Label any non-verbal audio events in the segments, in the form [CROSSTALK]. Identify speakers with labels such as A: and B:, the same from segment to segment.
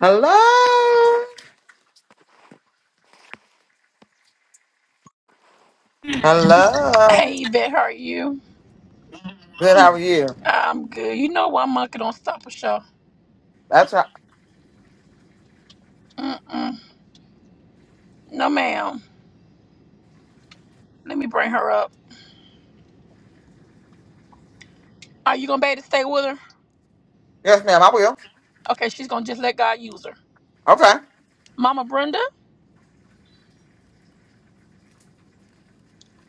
A: Hello. Hello.
B: Hey, Yvette, how are you?
A: Good. How are you?
B: I'm good. You know why monkey don't stop a show?
A: That's right.
B: Mm-mm. No, ma'am. Let me bring her up. Are you gonna be able to stay with her?
A: Yes, ma'am. I will.
B: Okay, she's gonna just let God use her.
A: Okay.
B: Mama Brenda,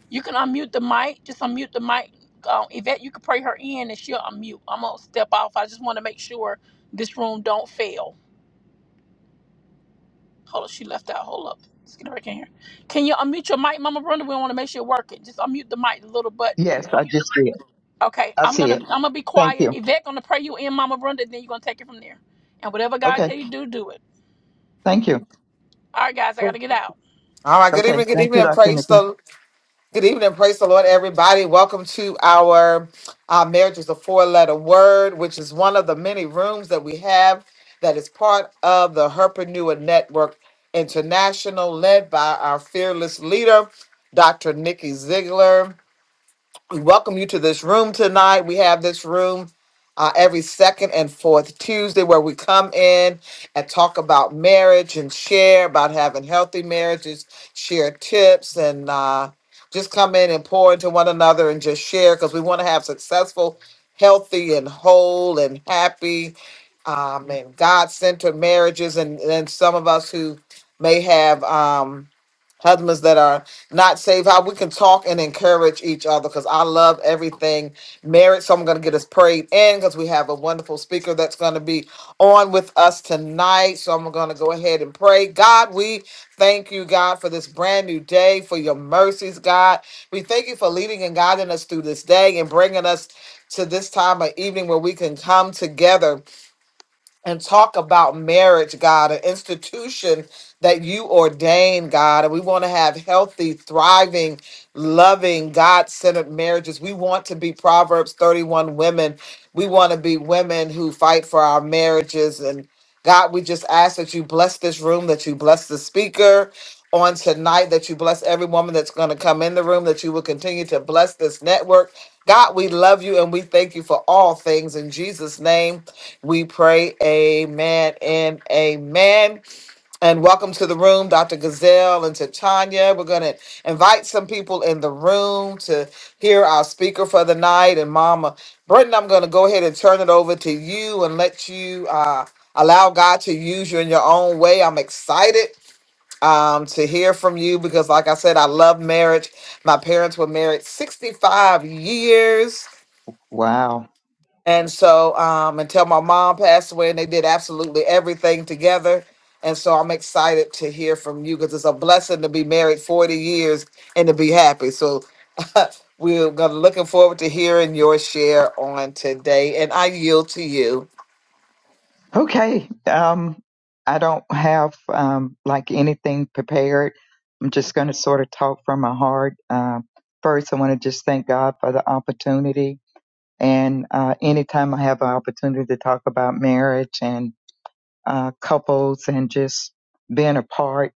B: you can unmute the mic. Just unmute the mic. Um, Yvette, you can pray her in and she'll unmute. I'm gonna step off. I just want to make sure this room don't fail. Hold up, she left out. Hold up. Let's get her back in here. Can you unmute your mic, Mama Brenda? We want to make sure it working. Just unmute the mic, the little button.
C: Yes, I just see it.
B: Okay,
C: I
B: I'm
C: see
B: gonna
C: it.
B: I'm gonna be
C: Thank
B: quiet.
C: you.
B: Yvette gonna pray you in, Mama Brenda, and then you're gonna take it from there. And whatever God
C: Okay.
B: tell you to do, do it.
C: Thank you.
B: All right, guys, I gotta get out.
A: All right. Good
C: Okay.
A: evening. Good
C: Thank
A: evening.
C: you,
A: And
C: Dr.
A: praise
C: Nikki.
A: the good evening. and Praise the Lord, everybody. Welcome to our uh, marriage is a four-letter word, which is one of the many rooms that we have that is part of the Herpreneur Network International, led by our fearless leader, Dr. Nikki Ziegler. We welcome you to this room tonight. We have this room uh, every second and fourth Tuesday where we come in and talk about marriage and share about having healthy marriages, share tips, and uh, just come in and pour into one another and just share because we want to have successful, healthy, and whole and happy um, and God centered marriages. And then some of us who may have. Um, husbands that are not saved, how we can talk and encourage each other because I love everything marriage. So I'm going to get us prayed in because we have a wonderful speaker that's going to be on with us tonight. So I'm going to go ahead and pray. God, we thank you, God, for this brand new day, for your mercies, God. We thank you for leading and guiding us through this day and bringing us to this time of evening where we can come together and talk about marriage, God, an institution that you ordain, God. And we want to have healthy, thriving, loving, God centered marriages. We want to be Proverbs 31 women. We want to be women who fight for our marriages. And God, we just ask that you bless this room, that you bless the speaker. On tonight, that you bless every woman that's going to come in the room, that you will continue to bless this network. God, we love you and we thank you for all things in Jesus' name. We pray, amen and amen. And welcome to the room, Dr. Gazelle and to Tanya. We're going to invite some people in the room to hear our speaker for the night. And Mama Brenton, I'm going to go ahead and turn it over to you and let you uh, allow God to use you in your own way. I'm excited um, to hear from you because, like I said, I love marriage. My parents were married 65 years
C: Wow.
A: and so, um, until my mom passed away, and they did absolutely everything together. And so, I'm excited to hear from you because it's a blessing to be married 40 years and to be happy. So, [LAUGHS] we're gonna looking forward to hearing your share on today. And I yield to you.
C: Okay. Um, I don't have um, like anything prepared. I'm just going to sort of talk from my heart. Um, first, I want to just thank God for the opportunity. And uh, anytime I have an opportunity to talk about marriage and uh, couples and just being a part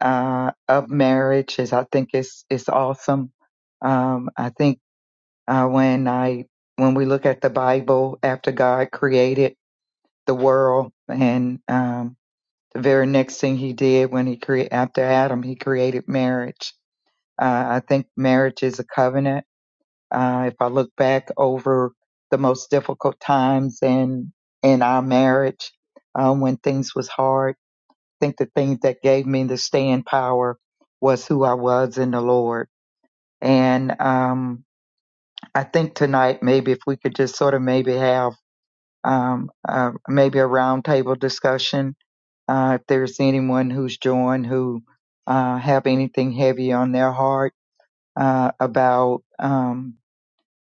C: uh, of marriage, is I think it's it's awesome. Um, I think Uh, when I when we look at the Bible, after God created the world, and um, the very next thing He did when He created after Adam, He created marriage. Uh, I think marriage is a covenant. Uh, if I look back over the most difficult times in in our marriage, uh, when things was hard, I think the things that gave me the staying power was who I was in the Lord. And um, I think tonight maybe if we could just sort of maybe have um, uh, maybe a roundtable discussion. Uh, if there's anyone who's joined who uh, have anything heavy on their heart uh, about um,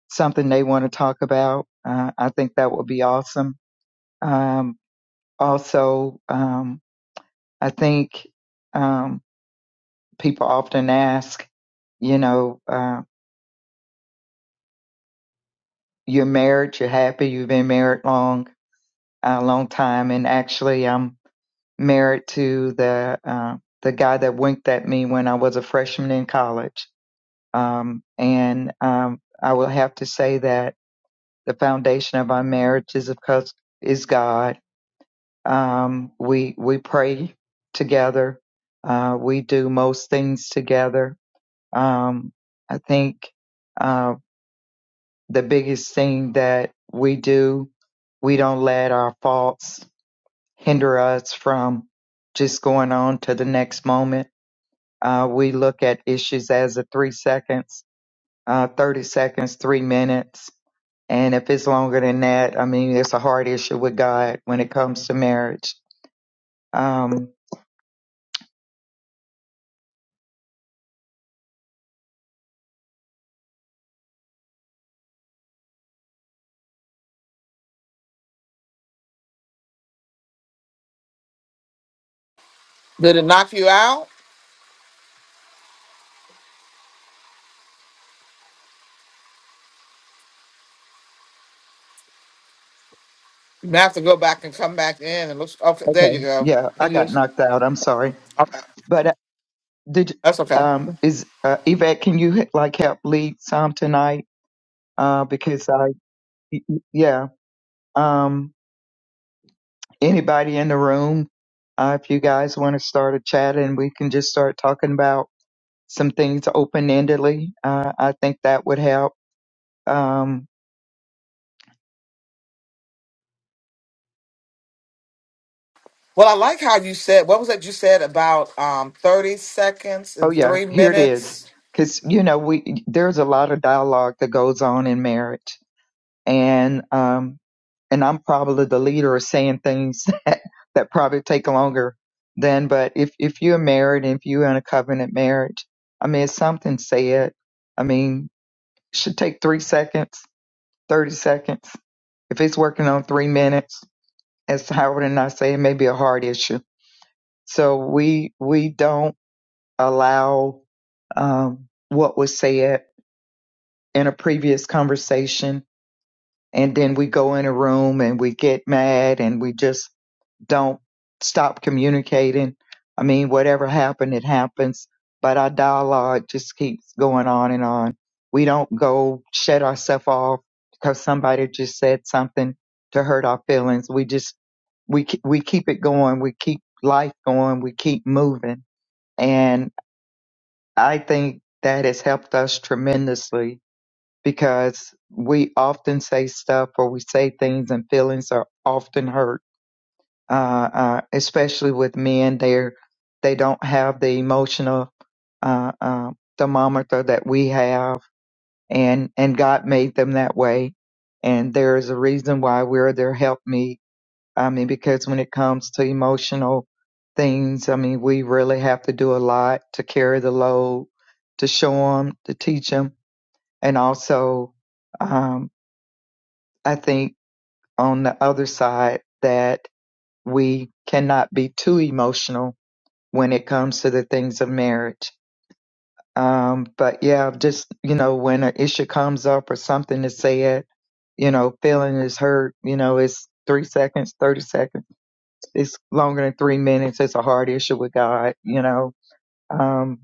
C: something they want to talk about, uh, I think that would be awesome. Um, also, um, I think um, people often ask, you know, uh, you're married, you're happy, you've been married long, a long time, and actually, I'm married to the uh, the guy that winked at me when I was a freshman in college. Um, and um, I will have to say that the foundation of our marriage is of course is God. Um, we we pray together. Uh, we do most things together. Um, I think uh, the biggest thing that we do, we don't let our faults hinder us from just going on to the next moment Uh, we look at issues as a three seconds, uh, 30 seconds, three minutes. And if it's longer than that, I mean, it's a hard issue with God when it comes to marriage. Um,
A: Did it knock you out? You may have to go back and come back in. And look, okay, there
C: okay.
A: you go.
C: Yeah, I
A: Can you
C: got
A: just,
C: knocked out. I'm sorry.
A: okay,
C: But uh, did,
A: that's okay.
C: um, is, uh, Yvette, can you like help lead some tonight? Uh, because I, yeah, um, anybody in the room, uh, if you guys want to start a chat and we can just start talking about some things open endedly. Uh, I think that would help. Um,
A: Well, I like how you said. What was that you said about um, 30 seconds
C: oh
A: and
C: yeah,
A: three
C: here it is.
A: minutes?
C: Because you know we there's a lot of dialogue that goes on in marriage, and um, and I'm probably the leader of saying things [LAUGHS] that, that probably take longer than. But if if you're married and if you're in a covenant marriage, I mean, it's something said. I mean, it should take three seconds, thirty seconds. If it's working on three minutes, as Howard and I say, it may be a hard issue So we we don't allow um, what was said in a previous conversation, and then we go in a room and we get mad and we just don't stop communicating. I mean, whatever happened, it happens. But our dialogue just keeps going on and on. We don't go shut ourselves off because somebody just said something to hurt our feelings. We just we ke- we keep it going. We keep life going. We keep moving and I think that has helped us tremendously because we often say stuff or we say things and feelings are often hurt, uh, uh, especially with men. They're, they don't have the emotional uh, uh, thermometer that we have, and, and God made them that way. And there is a reason why we're their helpmeet I mean, because when it comes to emotional things, I mean, we really have to do a lot to carry the load, to show them, to teach them. And also, um, I think on the other side that we cannot be too emotional when it comes to the things of marriage. Um, but yeah, just, you know, when an issue comes up or something is said, you know, feeling is hurt, you know, it's three seconds, 30 seconds it's longer than three minutes. It's a hard issue with God, you know. Um,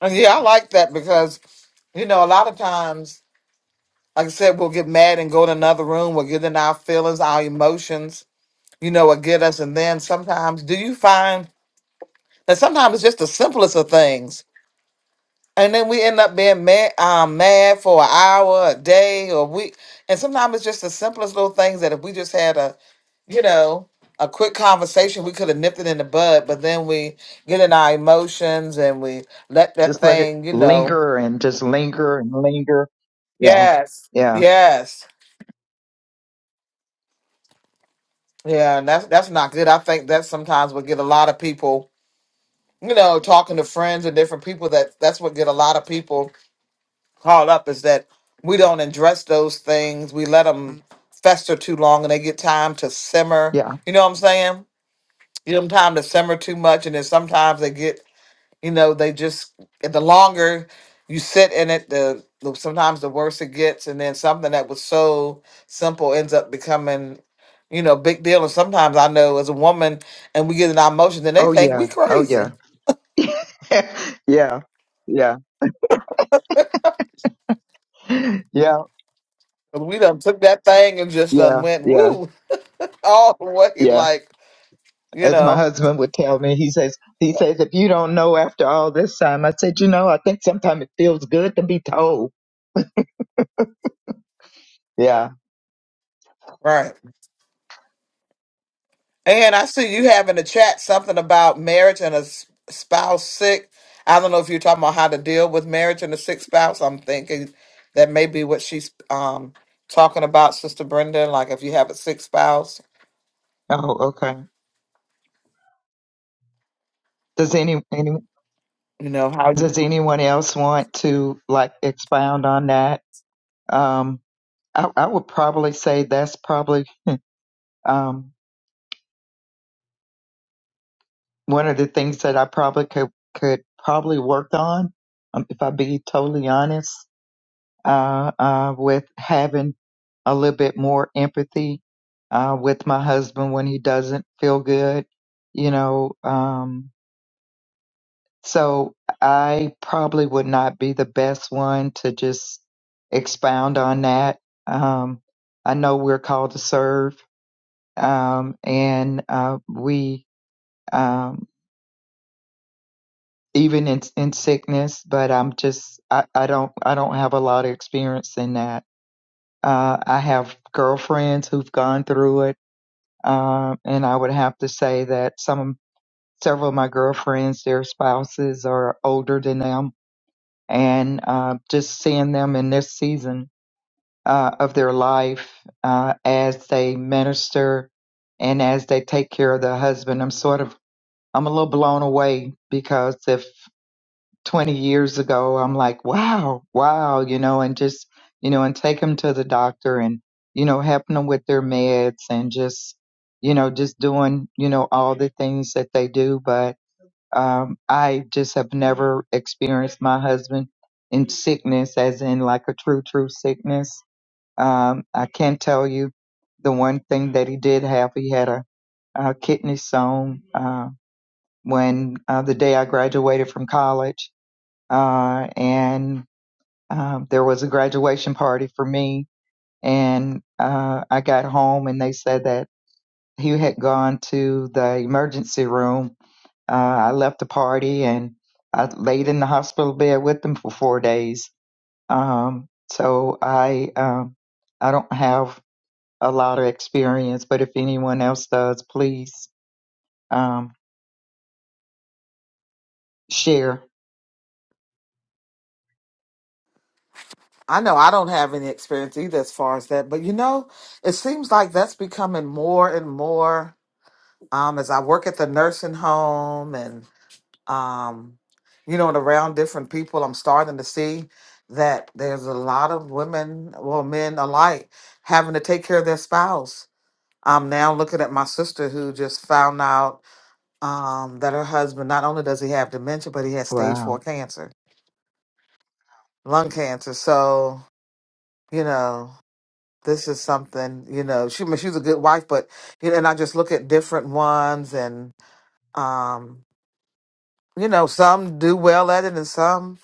A: And Yeah, I like that because, you know, a lot of times, like I said, we'll get mad and go to another room. We'll get in our feelings, our emotions, you know, what get us. And then sometimes, do you find that sometimes it's just the simplest of things? And then we end up being mad, um, mad for an hour, a day, or a week. And sometimes it's just the simplest little things that if we just had a, you know, a quick conversation, we could have nipped it in the bud. But then we get in our emotions and we let that
C: just let it
A: thing, you know,
C: linger and just linger and linger. Yeah,
A: Yes,
C: yeah,
A: yes, yeah, and that's that's not good. I think that sometimes what get a lot of people, you know, talking to friends and different people. That that's what get a lot of people caught up is that we don't address those things. We let them fester too long, and they get time to simmer.
C: yeah.
A: You know what I'm saying? Give them time to simmer too much, and then sometimes they get you know they just and the longer you sit in it the, the sometimes the worse it gets and then something that was so simple ends up becoming you know big deal and sometimes i know as a woman and we get in our emotions and they
C: Oh
A: think we
C: yeah, oh
A: crazy
C: yeah, [LAUGHS] yeah, yeah, yeah,
A: 'Cause we done took that thing and just
C: yeah,
A: done went
C: yeah,
A: woo [LAUGHS] all the way
C: yeah.
A: like you
C: As my
A: know
C: husband would tell me, he says, he says, if you don't know after all this time, I said, you know, I think sometimes it feels good to be told. Yeah.
A: right And I see you have in the chat something about marriage and a s- spouse sick. I don't know if you're talking about how to deal with marriage and a sick spouse. I'm thinking that may be what she's um talking about, Sister Brenda. Like if you have a sick spouse,
C: Oh, okay. Does any, any
A: you know how you.
C: does anyone else want to like expound on that? Um, I, I would probably say that's probably um, one of the things that I probably could could probably work on, um, if I be totally honest, uh, uh, with having a little bit more empathy uh, with my husband when he doesn't feel good, you know. Um, so I probably would not be the best one to just expound on that. Um, I know we're called to serve, um, and uh, we um, even in in sickness. But I'm just I, I don't I don't have a lot of experience in that. Uh, I have girlfriends who've gone through it, um, and I would have to say that some several of my girlfriends, their spouses are older than them, and uh, just seeing them in this season uh, of their life uh, as they minister and as they take care of their husband, I'm sort of I'm a little blown away because if 20 years ago i'm like wow wow you know and just you know and take them to the doctor and you know helping them with their meds and just you know just doing you know all the things that they do but um i just have never experienced my husband in sickness as in like a true true sickness um i can tell you the one thing that he did have he had a, a kidney stone uh when uh, the day i graduated from college uh, and um, there was a graduation party for me. And uh, I got home, and they said that he had gone to the emergency room. Uh, I left the party, and I laid in the hospital bed with them for four days. Um, so I um, I don't have a lot of experience, but if anyone else does, please um, share.
A: I know I don't have any experience either as far as that, but you know, it seems like that's becoming more and more um, as I work at the nursing home and. um, you know, and around different people, I'm starting to see that there's a lot of women, well, men alike, having to take care of their spouse. I'm now looking at my sister who just found out um, that her husband not only does he have dementia, but he has stage four
C: Wow.
A: cancer, lung cancer. So, you know, this is something. You know, she I mean, she's a good wife, but you know, and I just look at different ones, and um, you know, some do well at it, and some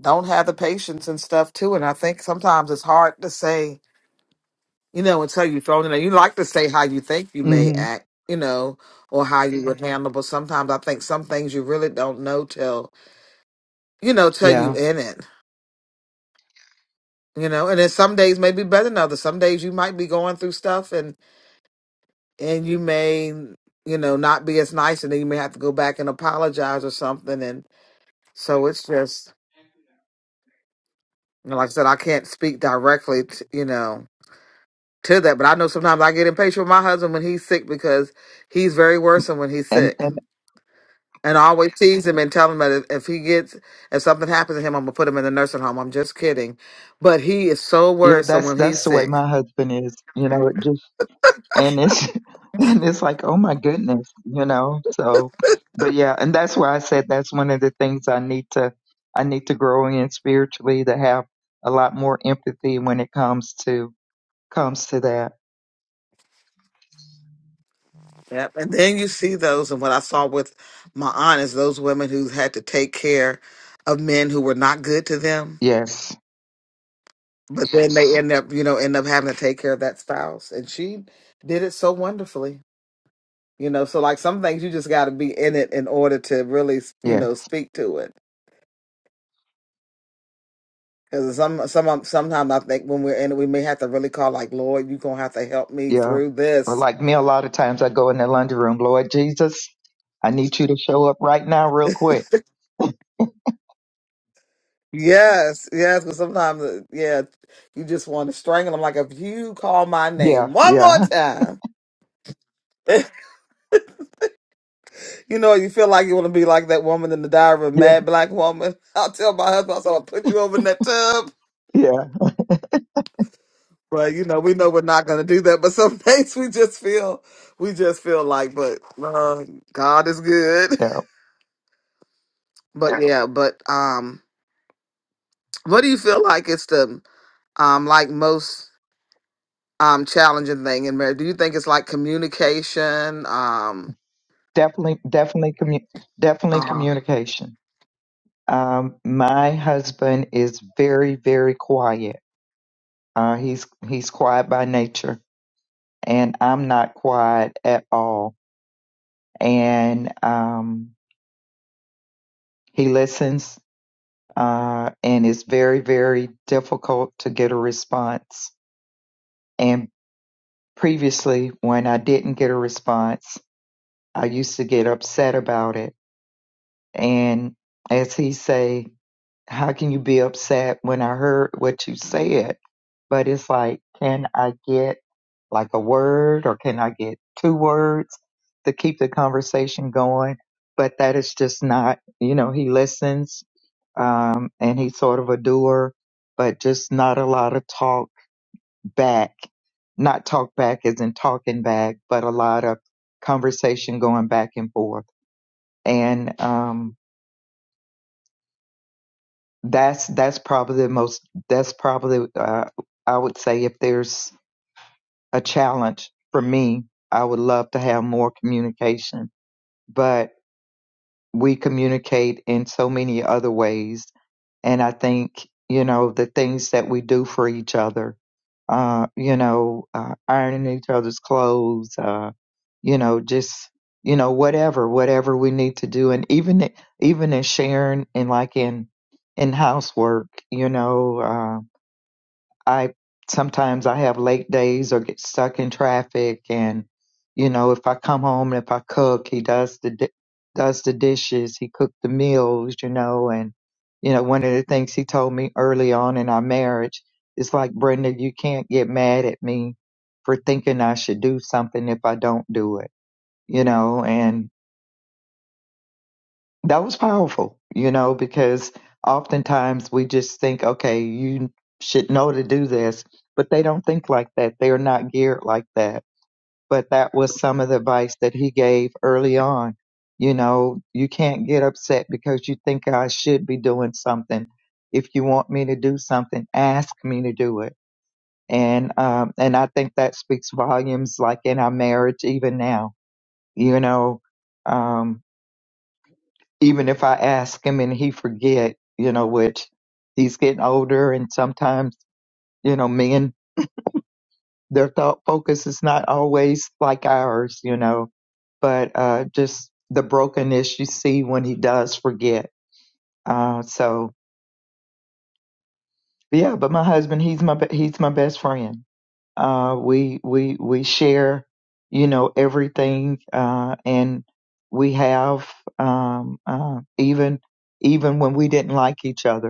A: don't have the patience and stuff too. And I think sometimes it's hard to say, you know, until you're thrown in there. You like to say how you think you may
C: hmm
A: act, you know, or how you would Mhm. handle, but sometimes I think some things you really don't know till, you know, till you
C: Yeah.
A: in it. You know, and then some days may be better than others. Some days you might be going through stuff and and you may, you know, not be as nice and then you may have to go back and apologize or something. And so it's just you know, like I said, I can't speak directly to, you know, to that. But I know sometimes I get impatient with my husband when he's sick because he's very worrisome when he's sick. And I always tease him and tell him that if if he gets, if something happens to him, I'm gonna put him in the nursing home. I'm just kidding, but he is so
C: Yeah,
A: worrisome
C: that's
A: when he's
C: that's the way
A: sick.
C: my husband is, you know, it just and it's [LAUGHS] and it's like, oh my goodness, you know. So but yeah, and that's why I said that's one of the things I need to I need to grow in spiritually to have a lot more empathy when it comes to comes to that.
A: Yep. And then you see those, and what I saw with my aunt is those women who had to take care of men who were not good to them,
C: Yes.
A: but then they end up, you know, end up having to take care of that spouse, and she did it so wonderfully. You know, so like some things you just got to be in it in order to really, you
C: Yeah.
A: know, speak to it. Because some, some, sometimes I think when we're in it, we may have to really call like, Lord, you gonna have to help me
C: Yeah.
A: through
C: Or
A: this.
C: like me a lot of times I go in the laundry room, Lord Jesus, I need you to show up right now real quick.
A: Yes, yes. Because sometimes, uh, yeah, you just want to strangle them. Like if you call my
C: Yeah,
A: name one more
C: yeah.
A: time, [LAUGHS] you know, you feel like you want to be like that woman in the Diary of a
C: [LAUGHS] Yeah.
A: Mad Black Woman. [LAUGHS] I'll tell my husband, I said, I'll put you over in that tub.
C: Yeah.
A: But you know, we know we're not going to do that. But some [LAUGHS] things we just feel, we just feel like, but uh, God is good. [LAUGHS]
C: Yeah.
A: But yeah. yeah, but um, what do you feel like it's the um like most um challenging thing in marriage? Do you think it's like communication? Um,
C: definitely definitely commu- definitely
A: um,
C: communication um my husband is very very quiet uh he's he's quiet by nature and i'm not quiet at all and um he listens uh and it's very very difficult to get a response and previously when i didn't get a response i used to get upset about it and as he say how can you be upset when I heard what you said? But it's like, can I get like a word or can I get two words to keep the conversation going? But that is just not, you know, he listens, um, and he's sort of a doer, but just not a lot of talk back. Not talk back isn't talking back, but a lot of conversation going back and forth. And, um, that's that's probably the most that's probably uh, i would say if there's a challenge for me i would love to have more communication but we communicate in so many other ways. And I think, you know, the things that we do for each other, uh, you know, uh, ironing each other's clothes, uh, you know, just, you know, whatever, whatever we need to do. And even, even in sharing and like in, in housework, you know, uh, I sometimes I have late days or get stuck in traffic, and you know, if I come home and if I cook, he does the di- does the dishes, he cooked the meals, you know, and you know, one of the things he told me early on in our marriage is like, Brenda, you can't get mad at me for thinking I should do something if I don't do it, you know, And that was powerful, you know, because oftentimes we just think, okay, you should know to do this, but they don't think like that. They are not geared like that. But that was some of the advice that he gave early on. You know, you can't get upset because you think I should be doing something. If you want me to do something, ask me to do it. And um, and I think that speaks volumes, like in our marriage, even now. You know, um, even if I ask him and he forget, you know, which he's getting older and sometimes, you know, men their thought focus is not always like ours, you know. But uh just the brokenness you see when he does forget. Uh so yeah, but my husband, he's my be- he's my best friend. Uh we we we share, you know, everything uh and we have um uh even even when we didn't like each other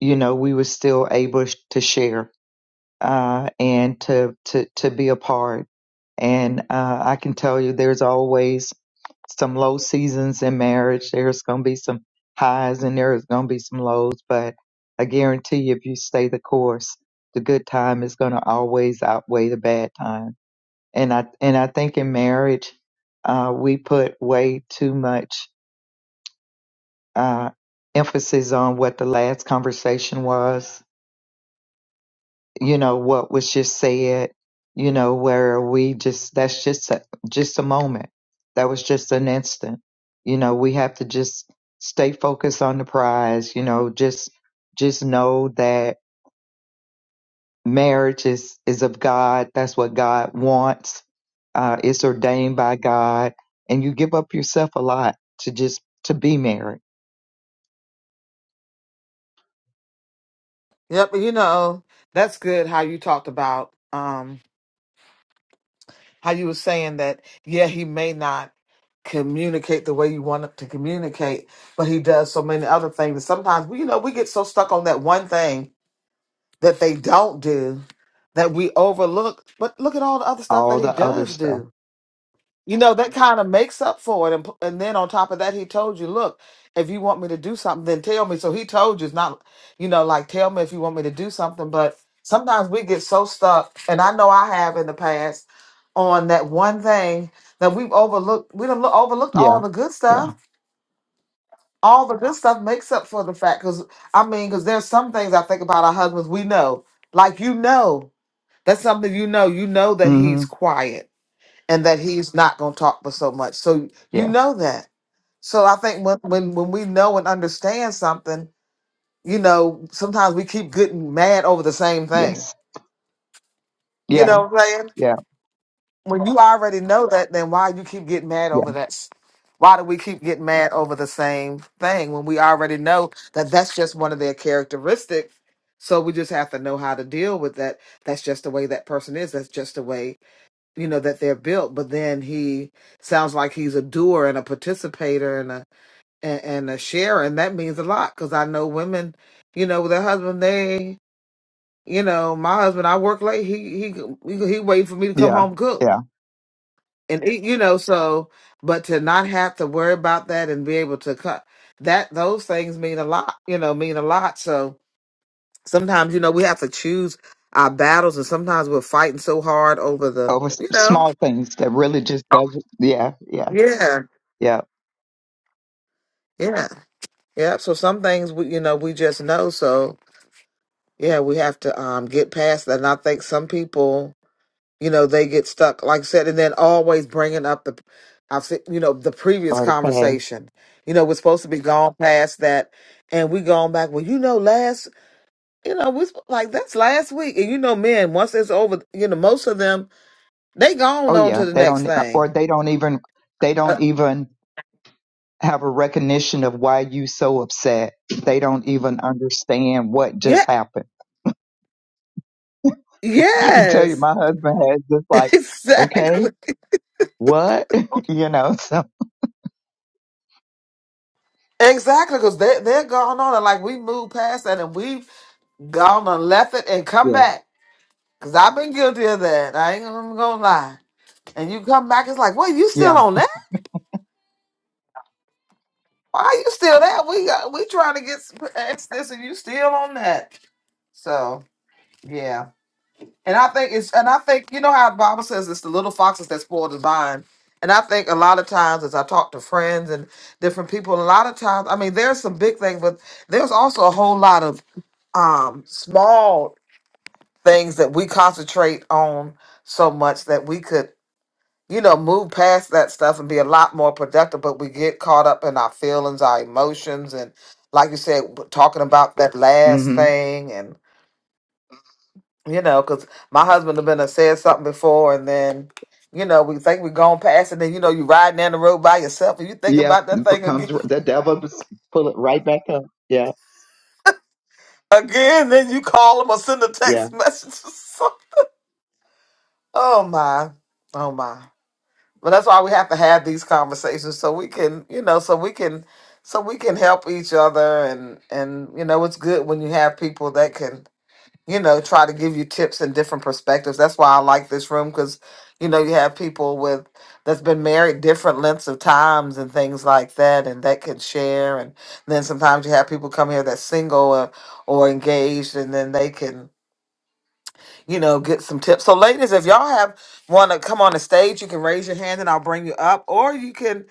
C: you know, we were still able to share uh, and to, to, to be a part. And uh, I can tell you there's always some low seasons in marriage. There's going to be some highs and there's going to be some lows. But I guarantee you, if you stay the course, the good time is going to always outweigh the bad time. And I, and I think in marriage, uh, we put way too much uh, emphasis on what the last conversation was you know what was just said you know where we just that's just a, just a moment that was just an instant you know we have to just stay focused on the prize you know just just know that marriage is is of god that's what god wants uh it's ordained by god and you give up yourself a lot to just to be married
A: yep. You know, that's good. How you talked about. um. how you were saying that, yeah, he may not communicate the way you want him to communicate, but he does so many other things. And sometimes, we- you know, we get so stuck on that one thing that they don't do that we overlook. But look at all the other stuff that
C: all
A: he
C: the other
A: does
C: stuff
A: do you know that kind of makes up for it and, p- and then on top of that he told you look if you want me to do something then tell me so he told you it's not you know like tell me if you want me to do something but sometimes we get so stuck and i know i have in the past on that one thing that we've overlooked we don't overlooked all
C: yeah
A: the good
C: yeah
A: stuff all the good stuff makes up for the fact because i mean because there's some things i think about our husbands we know like you know that's something you know you know that he's
C: mhm
A: quiet and that he's not going to talk for so much. So you
C: yeah
A: know that. So I think when when when we know and understand something, you know, sometimes we keep getting mad over the same thing.
C: yes
A: You
C: yeah
A: know what I'm saying?
C: yeah
A: When you already know that, then why you keep getting mad
C: yeah
A: over that? s- Why do we keep getting mad over the same thing when we already know that that's just one of their characteristics? So we just have to know how to deal with that. That's just the way that person is. That's just the way you know that they're built but then he sounds like he's a doer and a participator and a and, and a sharer and that means a lot because i know women you know with their husband they you know my husband i work late he he he, he waiting for me to come
C: yeah
A: home cook
C: Yeah.
A: and eat, you know so but to not have to worry about that and be able to cut that those things mean a lot you know mean a lot so sometimes you know we have to choose our battles and sometimes we're fighting so hard over the
C: over s-
A: you know
C: small things that really just doesn't. Yeah, yeah,
A: yeah
C: yeah.
A: yeah Yeah, So some things we, you know, we just know. So yeah, we have to um get past that. And I think some people, you know, they get stuck, like I said, and then always bringing up the, I've seen, you know, the previous
C: Or the past.
A: conversation. You know, we're supposed to be gone past that, and we gone back. Well, you know, last, you know, we sp- like that's last week, and you know, men once it's over, you know, most of them they gone
C: Oh
A: on
C: yeah,
A: to the
C: they
A: next
C: don't, uh, or
A: thing.
C: they don't even, they don't
A: Uh,
C: even have a recognition of why you so upset. They don't even understand what just
A: yeah.
C: happened. [LAUGHS] I can tell you,
A: Yes.
C: my husband has just
A: [LAUGHS]
C: like, okay,
A: Exactly.
C: what, [LAUGHS] you know? So
A: Exactly, because they they're gone on and like we moved past that and we've gone and left it and come
C: yeah,
A: back. Cause I've been guilty of that. I ain't gonna, gonna lie. And you come back, it's like, wait, you still
C: yeah,
A: on that? Why are you still there? We got we trying to get s- past this and you still on that. So yeah. And I think it's and I think you know how the Bible says it's the little foxes that spoil the vine. And I think a lot of times as I talk to friends and different people, a lot of times I mean there's some big things, but there's also a whole lot of um small things that we concentrate on so much that we could, you know, move past that stuff and be a lot more productive, but we get caught up in our feelings, our emotions, and like you said, w- talking about that last
C: hmm
A: thing and you know, because my husband have been a- said something before, and then, you know, we think we're going past, and then you know, you riding down the road by yourself, and you think
C: yeah.
A: about that
C: it
A: thing
C: Comes
A: again,
C: the devil just pull it right back up. Yeah,
A: [LAUGHS] again, then you call them or send a
C: yeah,
A: text message. [LAUGHS] So- oh my, oh my. But that's why we have to have these conversations so we can, you know, so we can so we can help each other and and you know, it's good when you have people that can, you know, try to give you tips and different perspectives. That's why I like this room cuz you know, you have people with that's been married different lengths of times and things like that and that can share and then sometimes you have people come here that's single or, or engaged and then they can you know, get some tips. So, ladies, if y'all have want to come on the stage, you can raise your hand and I'll bring you up, or you can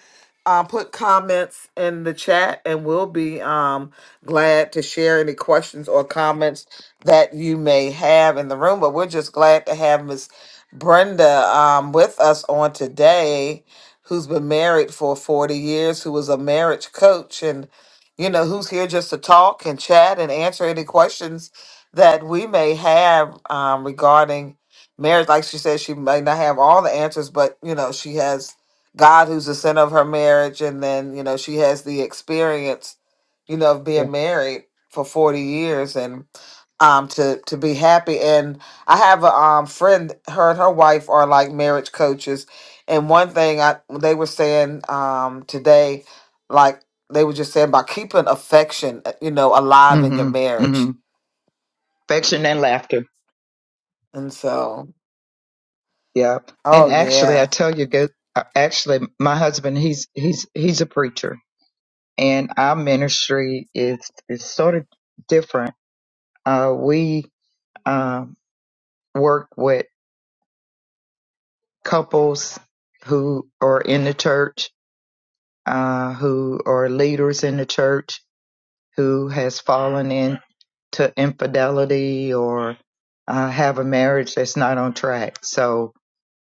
A: uh, put comments in the chat, and we'll be um, glad to share any questions or comments that you may have in the room. But we're just glad to have Miss Brenda um, with us on today, who's been married for forty years, who was a marriage coach and you know, who's here just to talk and chat and answer any questions that we may have um, regarding marriage. Like she said, she may not have all the answers, but you know, she has God, who's the center of her marriage, and then you know, she has the experience, you know, of
C: yeah.
A: being married for forty years and um to to be happy. And I have a um friend, her and her wife are like marriage coaches, and one thing I they were saying um today, like they were just saying about keeping affection, uh, you know, alive in your
C: hmm
A: marriage
C: hmm Affection and laughter.
A: And so,
C: Yeah. And
A: oh
C: actually, I
A: yeah.
C: tell you, go. uh, Actually, my husband, he's he's he's a preacher, and our ministry is is sort of different. Uh, we um, work with couples who are in the church, uh, who are leaders in the church, who has fallen into infidelity or uh, have a marriage that's not on track. So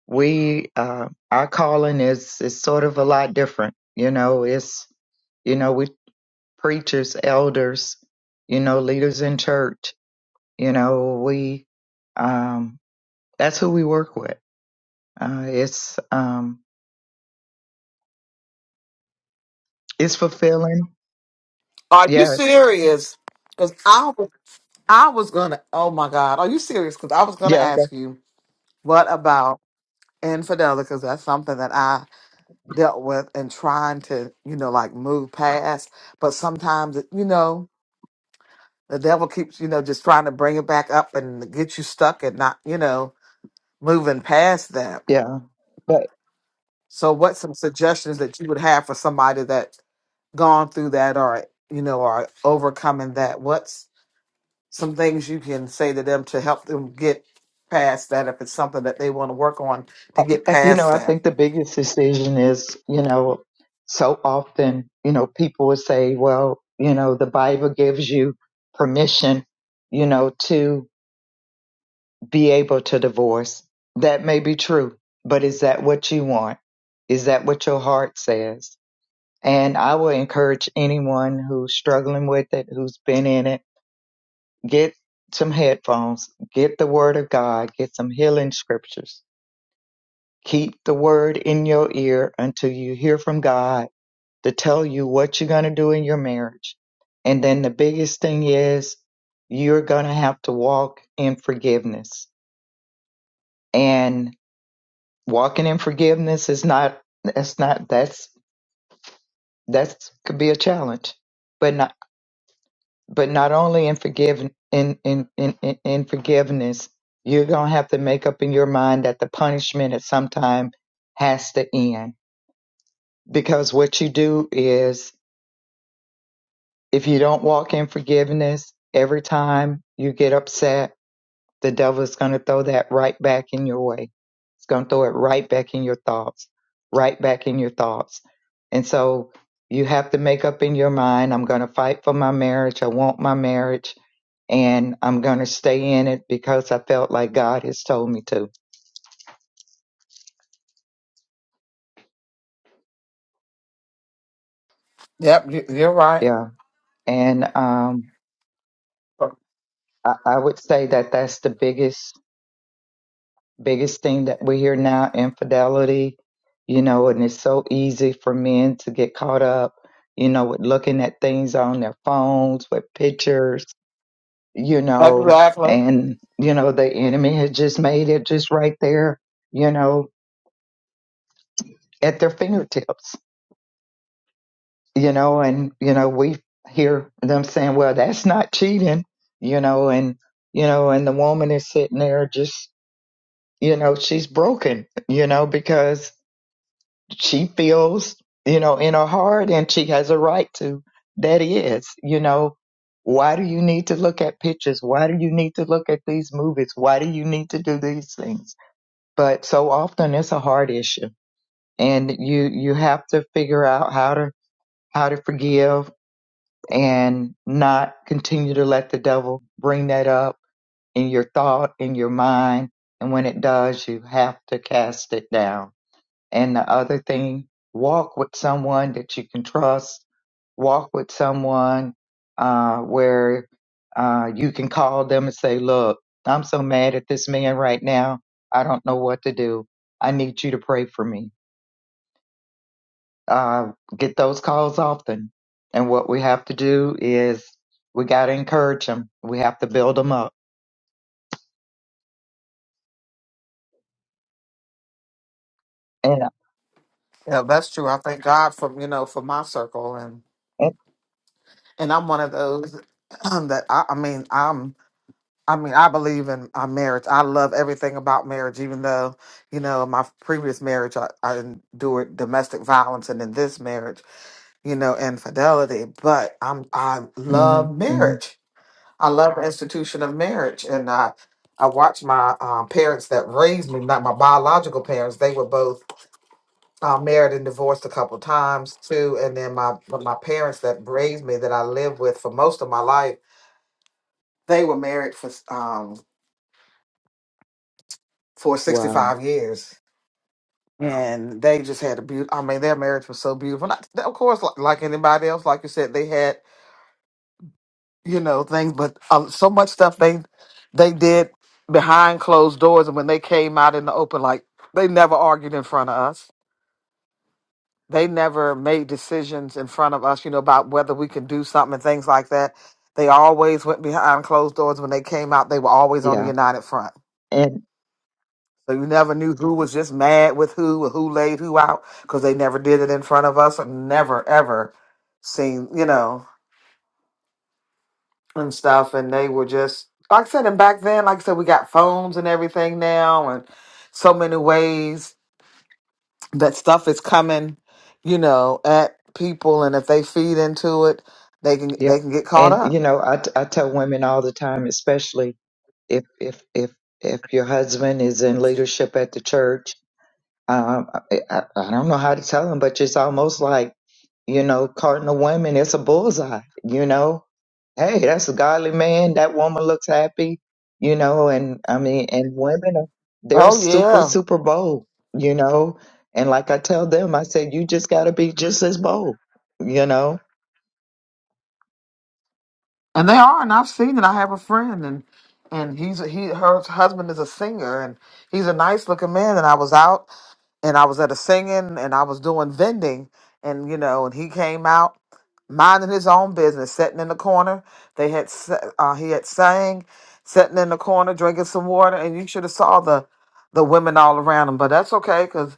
C: we uh, our calling is is sort of a lot different. You know, it's you know we preachers, elders, you know leaders in church. You know we um, that's who we work with. Uh, it's um, it's fulfilling.
A: Are you
C: Yeah,
A: serious? Because I was, I was gonna. Oh my God, are you serious? Because I was gonna
C: yeah, that,
A: ask you what about infidelity? Because that's something that I dealt with and trying to, you know, like move past. But sometimes, you know, the devil keeps, you know, just trying to bring it back up and get you stuck and not, you know, moving past that.
C: yeah. But
A: So, what some suggestions that you would have for somebody that gone through that or you know are overcoming that? What's some things you can say to them to help them get past that if it's something that they want to work on to get
C: uh, you know,
A: past
C: I
A: that.
C: think the biggest decision is you know so often you know people would say, well, you know, the Bible gives you permission, you know, to be able to divorce. That may be true, but is that what you want? Is that what your heart says? And I will encourage anyone who's struggling with it, who's been in it, get some headphones, get the word of God, get some healing scriptures. Keep the word in your ear until you hear from God to tell you what you're going to do in your marriage. And then the biggest thing is you're going to have to walk in forgiveness. And walking in forgiveness is not that's not that's that's could be a challenge but not but not only in forgive in in in in in forgiveness you're gonna have to make up in your mind that the punishment at some time has to end because what you do is if you don't walk in forgiveness every time you get upset the devil is going to throw that right back in your way. It's going to throw it right back in your thoughts, right back in your thoughts. And so you have to make up in your mind I'm going to fight for my marriage. I want my marriage and I'm going to stay in it because I felt like God has told me to.
A: Yep, you- you're right.
C: Yeah. And um, I, I would say that that's the biggest. biggest thing that we hear now infidelity you know and it's so easy for men to get caught up you know with looking at things on their phones with pictures you know
A: Exactly.
C: and you know the enemy has just made it just right there you know at their fingertips you know and you know we hear them saying well that's not cheating you know and you know and the woman is sitting there just you know she's broken you know because she feels, you know, in her heart and she has a right to. That is, you know, why do you need to look at pictures? Why do you need to look at these movies? Why do you need to do these things? But so often it's a hard issue and you, you have to figure out how to, how to forgive and not continue to let the devil bring that up in your thought, in your mind. And when it does, you have to cast it down and the other thing, walk with someone that you can trust. Walk with someone uh, where uh, you can call them and say, Look, I'm so mad at this man right now. I don't know what to do. I need you to pray for me. Uh, get those calls often. And what we have to do is we got to encourage them, we have to build them up. And,
A: Yeah, that's true. I thank God for you know for my circle and
C: and
A: and I'm one of those [CLEARS THROAT] that I, I mean I'm I mean I believe in uh, marriage. I love everything about marriage, even though you know my previous marriage I, I endured domestic violence and in this marriage you know infidelity. But I'm I
C: hmm
A: love
C: hmm
A: marriage I love the institution of marriage, and I I watched my um, parents that raised me, not my biological parents. They were both uh, married and divorced a couple times too, and then my but my parents that raised me that I lived with for most of my life, they were married for um for sixty
C: wow.
A: five years. And they just had a beautiful. I mean, their marriage was so beautiful. Not, of course, like, like anybody else, like you said, they had you know things but uh, so much stuff they they did behind closed doors and when they came out in the open like they never argued in front of us they never made decisions in front of us you know about whether we could do something and things like that they always went behind closed doors when they came out they were always on the
C: Yeah.
A: united front
C: and.
A: so you never knew who was just mad with who or who laid who out because they never did it in front of us and never ever seen you know and stuff, and they were just like I said. And back then, like I said, we got phones and everything now, and so many ways that stuff is coming, you know, at people, and if they feed into it, they can
C: Yeah.
A: they can get caught
C: And you
A: up.
C: know, I, t- I tell women all the time, especially if if if if your husband is in leadership at the church, um, I, I, I don't know how to tell them, but it's almost like you know, cardinal women, it's a bullseye. You know, hey, that's a godly man. That woman looks happy. You know, and I mean, and women are they're
A: Oh
C: super
A: yeah,
C: super bold. You know, and like I tell them, I said, you just got to be just as bold. You know,
A: and they are, and I've seen it. I have a friend, and and he's he her husband is a singer, and he's a nice looking man. And I was out. and I was at a singing and I was doing vending and you know and he came out minding his own business sitting in the corner they had s- uh, he had sang sitting in the corner drinking some water and you should have saw the the women all around him but that's okay cuz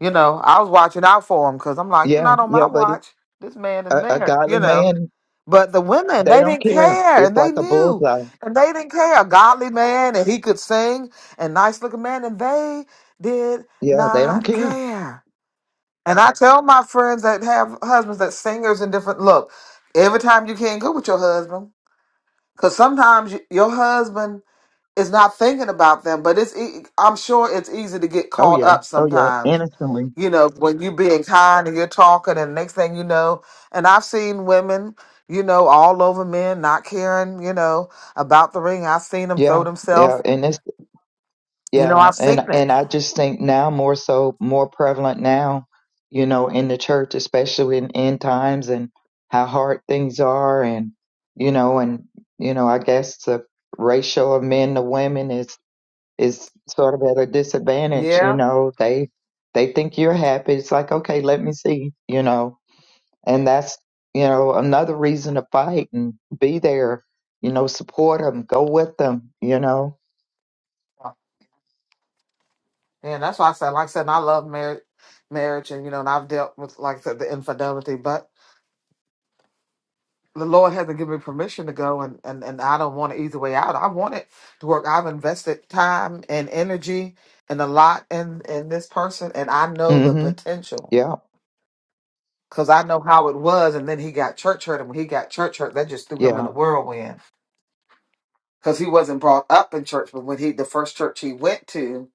A: you know I was watching out for him cuz I'm like
C: yeah,
A: not on
C: yeah,
A: my
C: but it's
A: watch this man is
C: a, a
A: married
C: godly
A: you know
C: man,
A: but the women,
C: they
A: they
C: don't
A: didn't
C: care.
A: care,
C: It's
A: and they
C: like a
A: knew,
C: bullseye.
A: and they didn't care. A godly man, and he could sing, and nice looking man, and they did
C: Yeah, they don't
A: not
C: care.
A: care. And I tell my friends that have husbands that singers and different look. Every time you can't go with your husband, because sometimes you, your husband is not thinking about them. But it's, e- I'm sure it's easy to get
C: Oh
A: caught
C: yeah,
A: up
C: oh yeah,
A: sometimes
C: innocently.
A: you know, when you being kind and you're talking, and next thing you know, and I've seen women, you know, all over men not caring, you know, about the ring. I've seen them
C: Yeah,
A: throw
C: yeah,
A: themselves.
C: and it's
A: You know,
C: yeah,
A: I've seen
C: and
A: it.
C: and I just think now more so, more prevalent now, you know, in the church, especially in end times and how hard things are, and you know, and you know, I guess the ratio of men to women is is sort of at a disadvantage. You
A: Yeah,
C: know, they they think you're happy. It's like okay, let me see. You know, and that's you know another reason to fight and be there you know support them go with them you know
A: and that's why I said, like I said, and I love marriage, marriage, and you know, and I've dealt with, like I said, the infidelity, but. The Lord hasn't given me permission to go, and, and, and I don't want an easy way out. I want it to work. I've invested time and energy and a lot in in this person, and I know the
C: mhm
A: potential.
C: yeah
A: Cause I know how it was, and then he got church hurt, and when he got church hurt, that just threw him in
C: yeah
A: a whirlwind. Cause he wasn't brought up in church, but when he the first church he went to,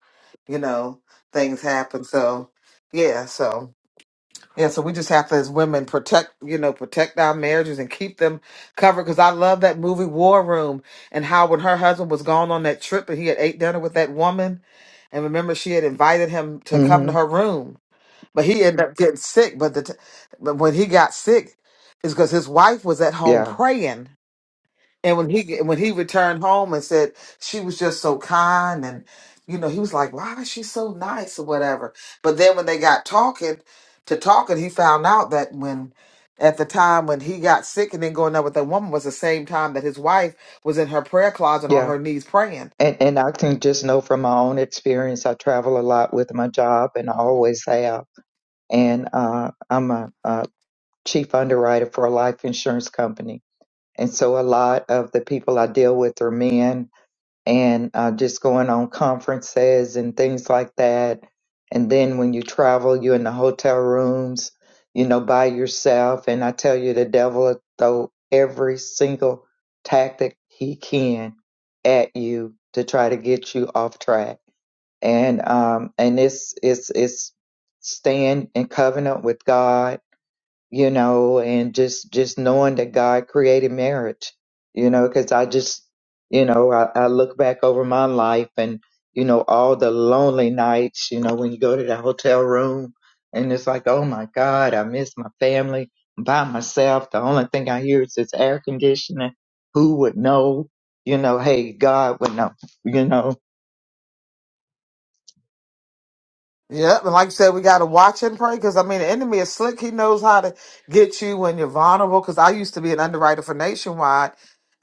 A: you know, things happened. So yeah, so yeah, so we just have to as women protect, you know, protect our marriages and keep them covered. Cause I love that movie War Room and how when her husband was gone on that trip and he had ate dinner with that woman, and remember she had invited him to come to
C: mhm
A: her room but he ended up getting sick. But the t- but when he got sick, is because his wife was at home
C: yeah
A: praying, and when he when he returned home and said she was just so kind, and you know he was like, why is she so nice or whatever. But then when they got talking to talking, he found out that when at the time when he got sick and then going up with that woman was the same time that his wife was in her prayer closet on
C: yeah
A: her knees praying.
C: and and I can just know from my own experience I travel a lot with my job and I always have and uh I'm a, a chief underwriter for a life insurance company and so a lot of the people I deal with are men and uh, just going on conferences and things like that. And then when you travel, you're in the hotel rooms, you know, by yourself. And I tell you, the devil will throw every single tactic he can at you to try to get you off track. And um, and it's it's it's staying in covenant with God you know, and just just knowing that God created marriage, you know, because I just, you know, I, I look back over my life and you know all the lonely nights, you know, when you go to the hotel room and it's like, oh my God, I miss my family I'm by myself. The only thing I hear is this air conditioning. Who would know? You know, hey, God would know. You know.
A: Yep, and like I said, we got to watch and pray because I mean the enemy is slick. He knows how to get you when you're vulnerable. Because I used to be an underwriter for Nationwide,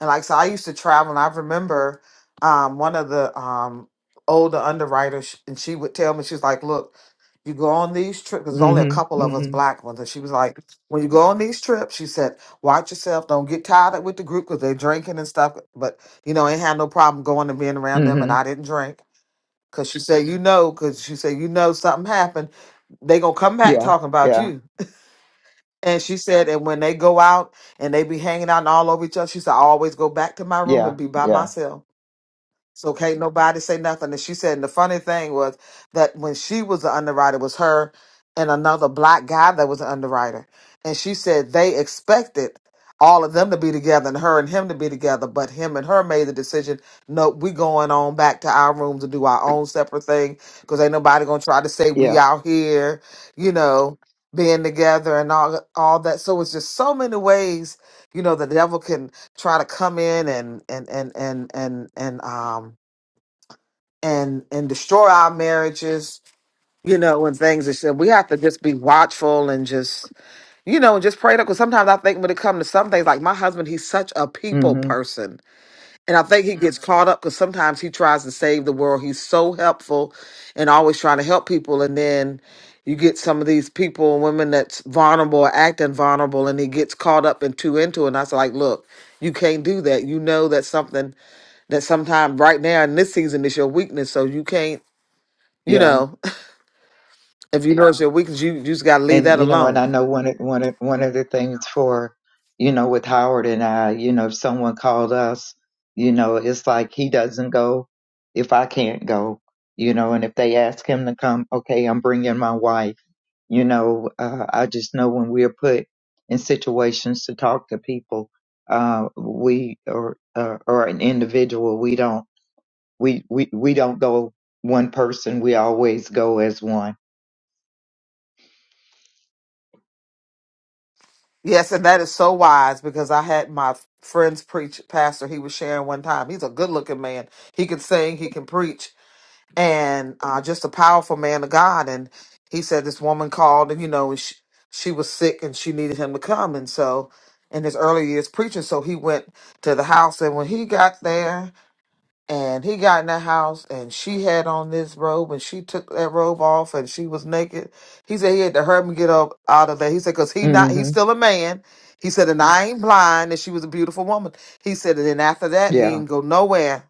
A: and like I said, I used to travel. And I remember um, one of the um, older underwriters, and she would tell me, she's like, "Look, you go on these trips. There's only a
C: Mhm.
A: couple of us
C: Mhm.
A: black ones." And she was like, "When you go on these trips, she said, watch yourself. Don't get tied up with the group because they're drinking and stuff. But you know, ain't had no problem going and being around them, and
C: Mhm.
A: I didn't drink." Cause she said, you know, cause she said, you know, something happened. They gonna come back
C: Yeah.
A: talking about
C: Yeah.
A: you. And she said, and when they go out and they be hanging out and all over each other, she said, I always go back to my room
C: Yeah.
A: and be by
C: Yeah.
A: myself. So can't nobody say nothing. And she said, and the funny thing was that when she was the underwriter, it was her and another black guy that was an underwriter. And she said they expected all of them to be together and her and him to be together, but him and her made the decision, no, we going on back to our rooms to do our own separate thing because ain't nobody gonna try to say
C: Yeah.
A: we out here, you know, being together and all all that. So it's just so many ways, you know, the devil can try to come in and and and and and and um and and destroy our marriages you know and things and shit. we have to just be watchful and just you know and just pray because sometimes i think when it comes to some things like my husband he's such a people
C: Mhm.
A: person and i think he gets Mhm. caught up because sometimes he tries to save the world he's so helpful and always trying to help people and then you get some of these people and women that's vulnerable or acting vulnerable and he gets caught up and too into it and i was like look you can't do that you know that something that sometimes right now in this season is your weakness. So you can't, you
C: Yeah
A: know, [LAUGHS] if you know it's your weakness, you, you just got to leave
C: and
A: that
C: you know, and I
A: alone.
C: know one of one of one of the things for, you know, with Howard and I, you know, if someone called us, you know, it's like he doesn't go if I can't go, you know, and if they ask him to come, okay, I'm bringing my wife. You know, uh, I just know when we're put in situations to talk to people, uh, we or uh, or an individual, we don't we we we don't go one person. We always go as one.
A: Yes, and that is so wise because I had my friend's preach pastor. He was sharing one time. He's a good looking man. He can sing. He can preach, and uh, just a powerful man of God. And he said this woman called, and you know, and she, she was sick, and she needed him to come. And so, in his early years preaching, so he went to the house, and when he got there, And he got in the house and she had on this robe and she took that robe off and she was naked. He said he had to hurt me get up out of there. He said, cause he not, he's
C: hmm
A: still a man. He said, and I ain't blind and she was a beautiful woman. He said, and then after that, he
C: Yeah,
A: didn't go nowhere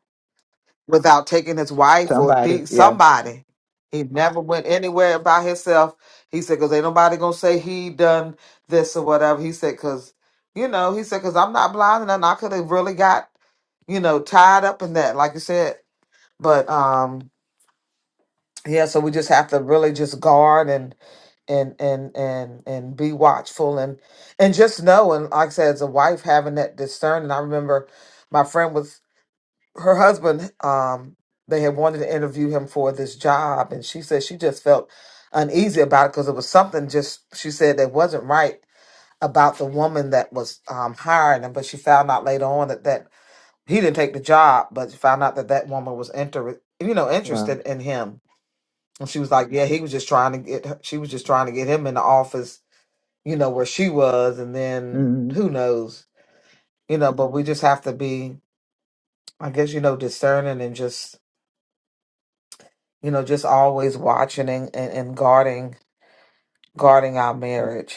A: without taking his wife or
C: somebody.
A: de-
C: yeah.
A: somebody. He never went anywhere by himself. He said, cause ain't nobody gonna say he done this or whatever. He said, cause, you know, he said, cause I'm not blind and I could have really got you know, tied up in that, like you said, but um yeah so we just have to really just guard and and and and and be watchful and and just know and like i said as a wife having that discern and i remember my friend was her husband um they had wanted to interview him for this job and she said she just felt uneasy about it because it was something just she said that wasn't right about the woman that was um hiring him but she found out later on that that he didn't take the job but found out that that woman was inter you know
C: Wow.
A: interested in him And she was like, "Yeah, he was just trying to get. Her, she was just trying to get him in the office, you know, where she was, and then
C: mm
A: who knows, you know. But we just have to be, I guess, you know, discerning and just, you know, just always watching and and, and guarding, guarding our
C: Yeah.
A: marriage.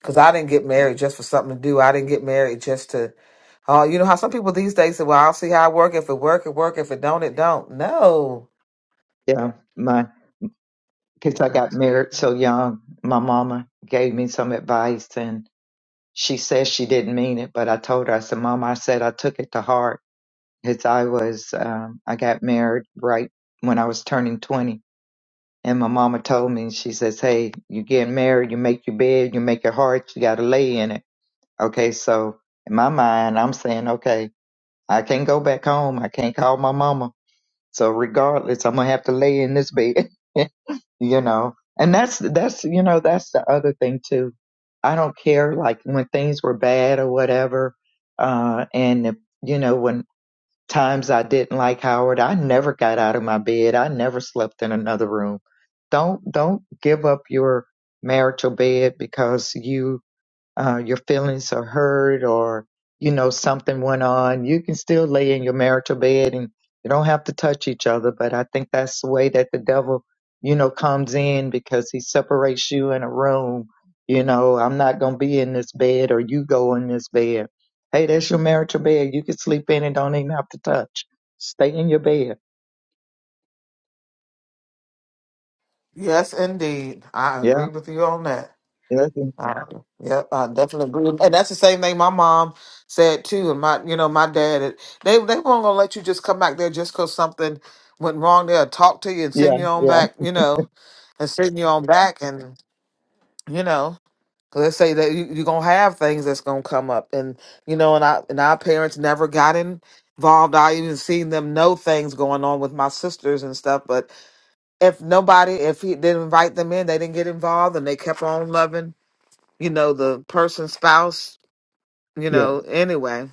A: Because I didn't get married just for something to do. I didn't get married just to, oh, you know how some people these days say, "Well, I'll see how it work. If it work, it work. If it don't, it don't." No.
C: yeah. My, because I got married so young, my mama gave me some advice and she said she didn't mean it, but I told her, I said, Mama, I said I took it to heart because I was, um, I got married right when I was turning 20. And my mama told me, she says, Hey, you get married, you make your bed, you make your heart, you got to lay in it. Okay. So in my mind, I'm saying, okay, I can't go back home. I can't call my mama So regardless, I'm gonna have to lay in this bed, [LAUGHS] you know. And that's that's you know that's the other thing too. I don't care like when things were bad or whatever, uh, and if, you know when times I didn't like Howard, I never got out of my bed. I never slept in another room. Don't don't give up your marital bed because you uh, your feelings are hurt or you know something went on you can still lay in your marital bed and you don't have to touch each other but i think that's the way that the devil you know comes in because he separates you in a room you know i'm not going to be in this bed or you go in this bed hey that's your marital bed you can sleep in and don't even have to touch stay in your bed
A: Yes, indeed, I
C: yeah
A: agree with you on that.
C: yeah
A: Uh, yeah, I definitely agree, and that's the same thing my mom said too. And my, you know, my dad, it- they they weren't gonna let you just come back there just cause something went wrong. They'll talk to you and send
C: yeah
A: you on
C: yeah
A: back, you know, and send you on back, and you know, 'cause they say that you, you're gonna have things that's gonna come up, and you know, and I and our parents never got involved. I even seen them know things going on with my sisters and stuff, but if nobody, if he didn't invite them in, they didn't get involved, and they kept on loving you know, the person's spouse, you
C: yeah.
A: know, anyway.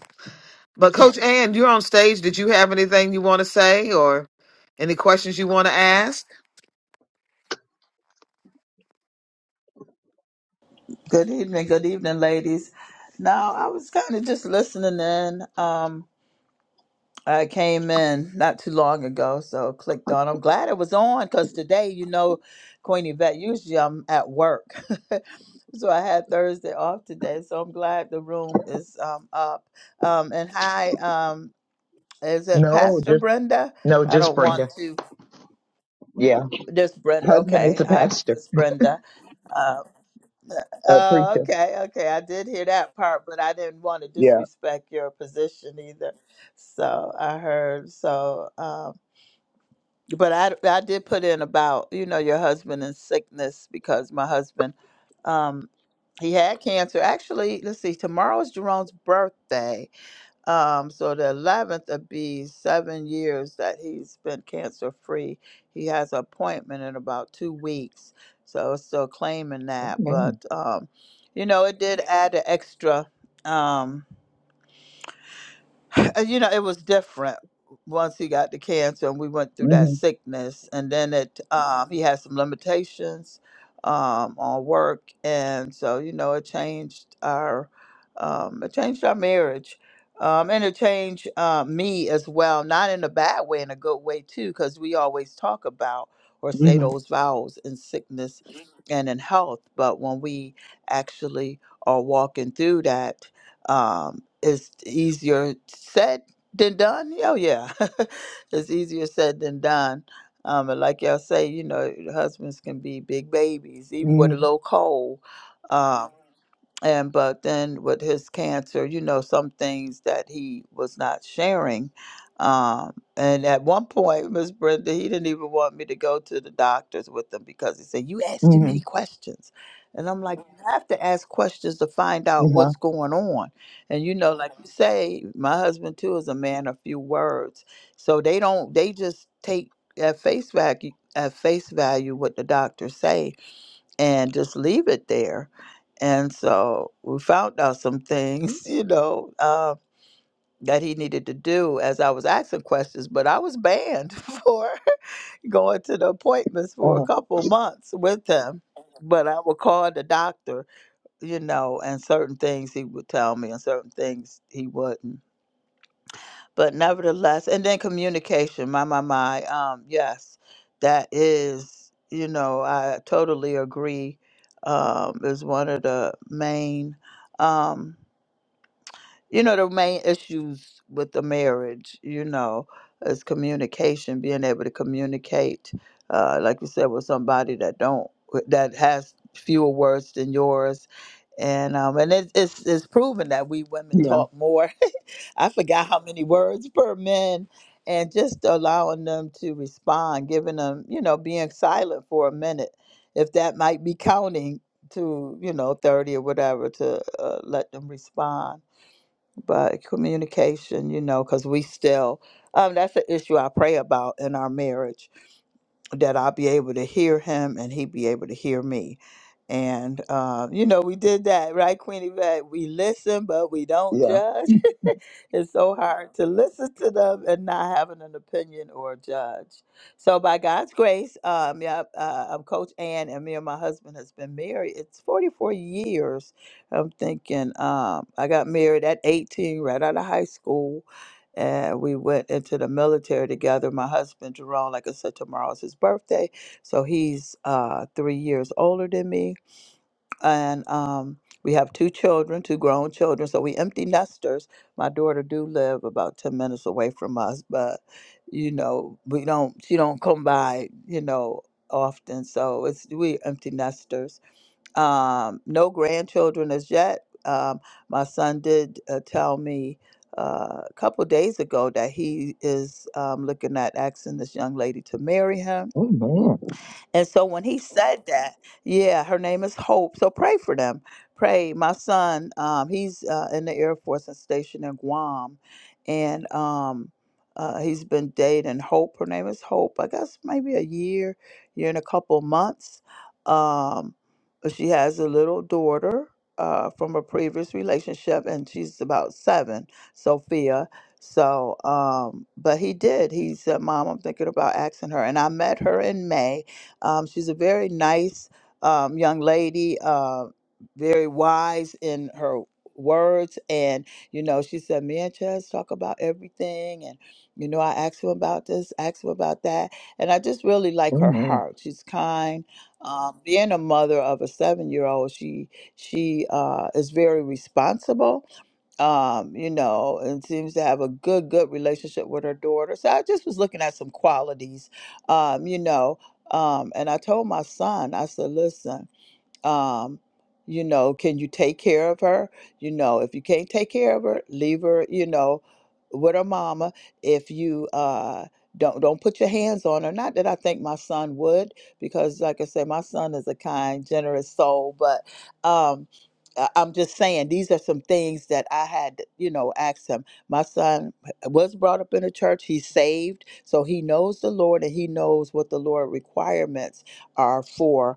A: But Coach Ann, you're on stage. Did you have anything you want to say or any questions you want to ask?
D: Good evening, good evening, ladies. Now, I was kind of just listening in. Um, I came in not too long ago, so clicked on. I'm glad it was on because today, you know, Queen Yvette, usually I'm at work. [LAUGHS] so I had Thursday off today, so I'm glad the room is um, up. Um, and hi, um, is it
C: no
D: Pastor
C: just
D: Brenda?
C: no
D: I
C: just
D: don't want
C: brenda
D: to.
C: yeah
D: This Brenda,
C: husband is
D: okay.
C: a
D: Hi,
C: pastor
D: Miss Brenda. Uh,
C: a
D: Oh,
C: preacher
D: okay, okay. I did hear that part, but I didn't want to
C: Yeah.
D: disrespect your position either. So I heard. So, um, but I I did put in about you know your husband and sickness because my husband, um, he had cancer. Actually, let's see. Tomorrow's Jerome's birthday um, so the 11th would be seven years that he's been cancer free. He has an appointment in about two weeks. So it's still claiming that.
C: Amen.
D: But, um, you know, it did add an extra. Um, uh, you know, it was different once he got the cancer and we went through that
C: Mhm.
D: sickness. And then it, um, he had some limitations um, on work, and so you know, it changed our, um, it changed our marriage. Um, and it changed uh, me as well, not in a bad way, in a good way too, because we always talk about or say
C: Mhm.
D: those vows in sickness Mhm. and in health. But when we actually are walking through that, um, it's easier said than done. Oh yeah, [LAUGHS] it's easier said than done. Um, and like y'all say, you know, husbands can be big babies, even with a
C: Mhm.
D: little cold. Um, and but then with his cancer, you know, some things that he was not sharing. Um, and at one point, Miss Brenda, he didn't even want me to go to the doctors with him because he said, You asked too many
C: Mhm.
D: questions. And I'm like, You have to ask questions to find out
C: Uh-huh.
D: what's going on and you know, like you say, my husband too is a man of few words. So they don't they just take at face value at face value what the doctors say and just leave it there. And so we found out some things, [LAUGHS] you know, uh, that he needed to do as I was asking questions, but I was banned [LAUGHS] for going to the appointments for a
C: Uh-huh.
D: couple months with him. But I would call the doctor, you know, and certain things he would tell me and certain things he wouldn't but nevertheless, and then communication, my, my, my. Um, yes, that is, you know, I totally agree. Um, is one of the main. Um, you know the main issues with the marriage you know is communication being able to communicate uh, like you said with somebody that don't that has fewer words than yours and um and it, it's it's proven that we women
C: Yeah.
D: talk more [LAUGHS] i forgot how many words per men and just allowing them to respond giving them you know being silent for a minute if that might be counting to you know 30 or whatever to uh, let them respond but communication, you know, because we still, um, that's an issue I pray about in our marriage that I'll be able to hear him and he be able to hear me. And, uh, you know, we did that, right, Queenie? But we listen, but we don't
C: Yeah.
D: judge. [LAUGHS] it's so hard to listen to them and not having an opinion or judge. So, by God's grace, um, yeah, uh, I'm Coach Ann, and me and my husband has been married. It's 44 years. I'm thinking um, I got married at 18, right out of high school and we went into the military together. My husband Jerome, like I said, tomorrow is his birthday, so he's uh, three years older than me, and um, we have two children, two grown children. So we empty nesters. My daughter do live about ten minutes away from us, but you know we don't. She don't come by, you know, often. So it's we empty nesters um, no grandchildren as yet. Um, my son did uh, tell me uh, a couple days ago that he is um, looking at asking this young lady to marry him
C: Amen.
D: and so when he said that, yeah, her name is Hope. So pray for them. Pray. My son, um, he's uh, in the Air Force and stationed in Guam, and um, uh, he's been dating Hope. Her name is Hope. I guess maybe a year, year and a couple months. Um, but she has a little daughter. Uh, from a previous relationship, and she's about seven, Sophia. So, um, but he did. He said, "Mom, I'm thinking about asking her." And I met her in May, um, she's a very nice um, young lady, uh, very wise in her words. And, you know, she said, Me and Chaz talk about everything. And, you know, I asked him about this, asked him about that. And I just really like her
C: Amen.
D: heart. She's kind. Um, being a mother of a seven year old, she she uh, is very responsible um, you know, and seems to have a good, good relationship with her daughter. So I just was looking at some qualities, um, you know, um, and I told my son, I said, listen um you know can you take care of her you know if you can't take care of her leave her you know with her mama if you uh don't don't put your hands on her not that i think my son would because like i said my son is a kind generous soul but um I- I'm just saying these are some things that I had, you know, asked him. My son was brought up in a church. He's saved, so he knows the Lord and he knows what the Lord requirements are for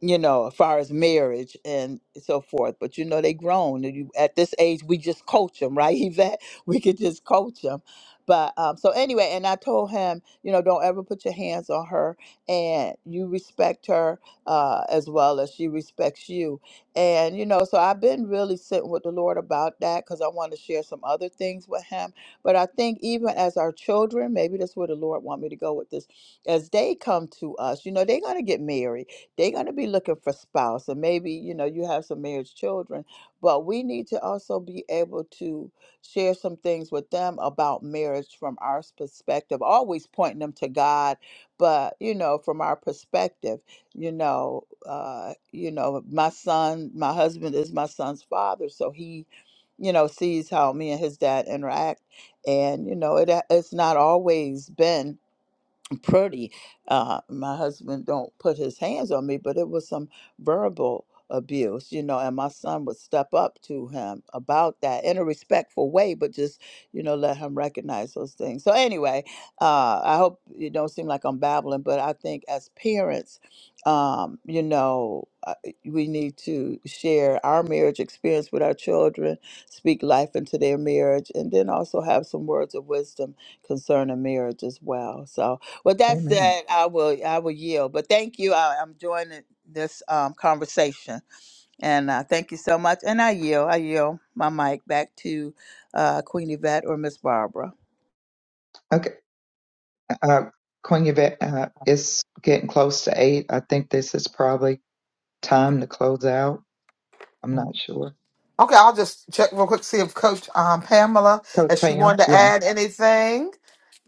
D: you know, as far as marriage and so forth. But you know, they grown, and you, at this age, we just coach them, right, [LAUGHS] Yvette? We could just coach them. But um, so anyway, and I told him, you know, don't ever put your hands on her, and you respect her uh, as well as she respects you. And you know, so I've been really sitting with the Lord about that because I want to share some other things with him. But I think even as our children, maybe that's where the Lord want me to go with this. As they come to us, you know, they're gonna get married they're going to be looking for spouse, and maybe you know you have some marriage children, but we need to also be able to share some things with them about marriage from our perspective. Always pointing them to God, but you know from our perspective, you know, uh, you know, my son, my husband is my son's father, so he, you know, sees how me and his dad interact, and you know, it it's not always been pretty. Uh, my husband don't put his hands on me, but it was some verbal abuse, you know. And my son would step up to him about that in a respectful way, but just you know let him recognize those things. So anyway, uh, I hope it don't seem like I'm babbling, but I think as parents, um, you know, uh, we need to share our marriage experience with our children, speak life into their marriage, and then also have some words of wisdom concerning marriage as well. So well, that
C: Amen.
D: said, I will I will yield. But thank you. I, I'm joining this um, conversation, and uh, thank you so much. And I yield. I yield my mic back to uh, Queen Yvette or Miss Barbara.
C: Okay. Uh, Queen Yvette, uh, it's getting close to eight. I think this is probably time to close out. I'm not sure.
A: Okay, I'll just check real quick to see if Coach um, Pamela,
C: Coach
A: if she wanted
C: Pam.
A: to
C: Yeah.
A: add anything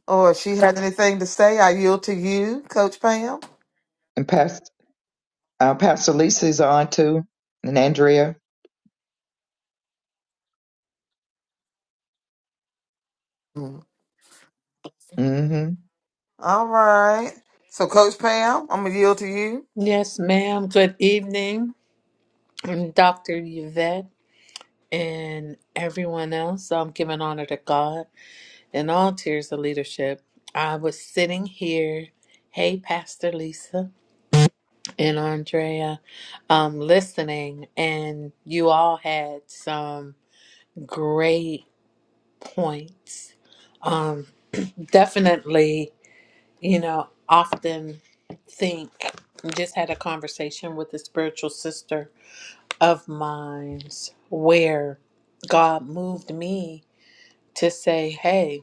A: or if she had anything to say. I yield to you, Coach Pam.
C: And Pastor, uh, Pastor Lisa's on too. And Andrea.
A: Mm.
C: Mm-hmm.
A: All right. So, Coach Pam, I'm going to yield to you.
E: Yes, ma'am. Good evening, i Dr. Yvette and everyone else. I'm giving honor to God and all tiers of leadership. I was sitting here, hey, Pastor Lisa and Andrea, um, listening, and you all had some great points. Um, definitely, you know, often think, just had a conversation with a spiritual sister of minds where God moved me to say, hey,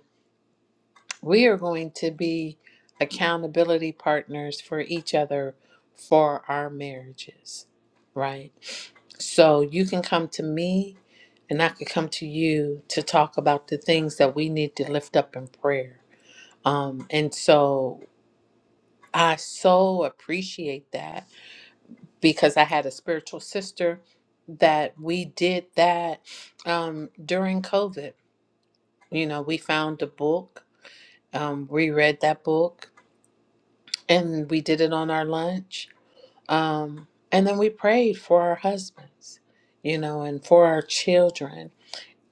E: we are going to be accountability partners for each other for our marriages, right? So you can come to me and I could come to you to talk about the things that we need to lift up in prayer. Um, and so I so appreciate that. because I had a spiritual sister that we did that um, during COVID. You know, we found a book, um, we read that book, and we did it on our lunch. Um, and then we prayed for our husbands, you know, and for our children.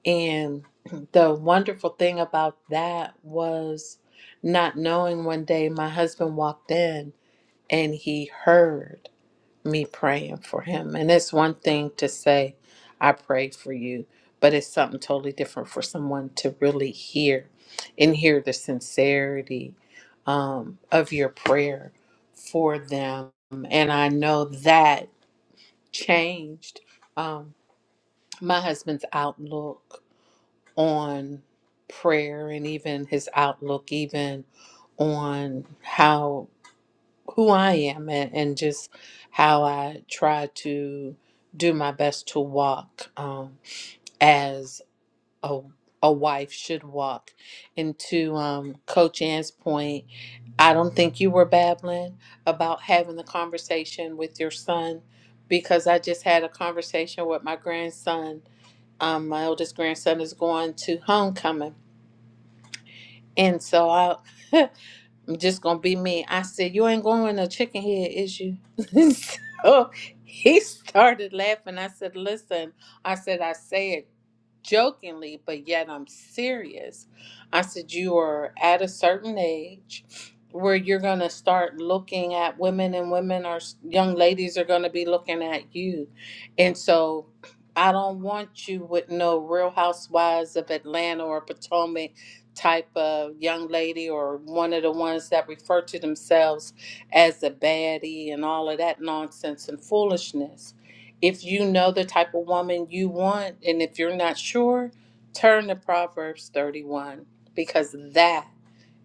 E: And [CLEARS THROAT] the wonderful thing about that was not knowing one day my husband walked in and he heard. me praying for him. And it's one thing to say, I prayed for you, but it's something totally different for someone to really hear and hear the sincerity um, of your prayer for them. And I know that changed um, my husband's outlook on prayer and even his outlook, even on how who I am and, and just how I try to do my best to walk um, as a, a wife should walk. And to um, Coach Ann's point, I don't think you were babbling about having the conversation with your son because I just had a conversation with my grandson. Um, my oldest grandson is going to homecoming. And so I, [LAUGHS] I'm just gonna be me. I said, You ain't going no chicken head, is you? [LAUGHS] so he started laughing. I said, Listen, I said, I say it jokingly, but yet I'm serious. I said, You are at a certain age where you're going to start looking at women, and women are, young ladies are going to be looking at you. And so I don't want you with no real housewives of Atlanta or Potomac type of young lady or one of the ones that refer to themselves as a baddie and all of that nonsense and foolishness. If you know the type of woman you want, and if you're not sure, turn to Proverbs 31 because that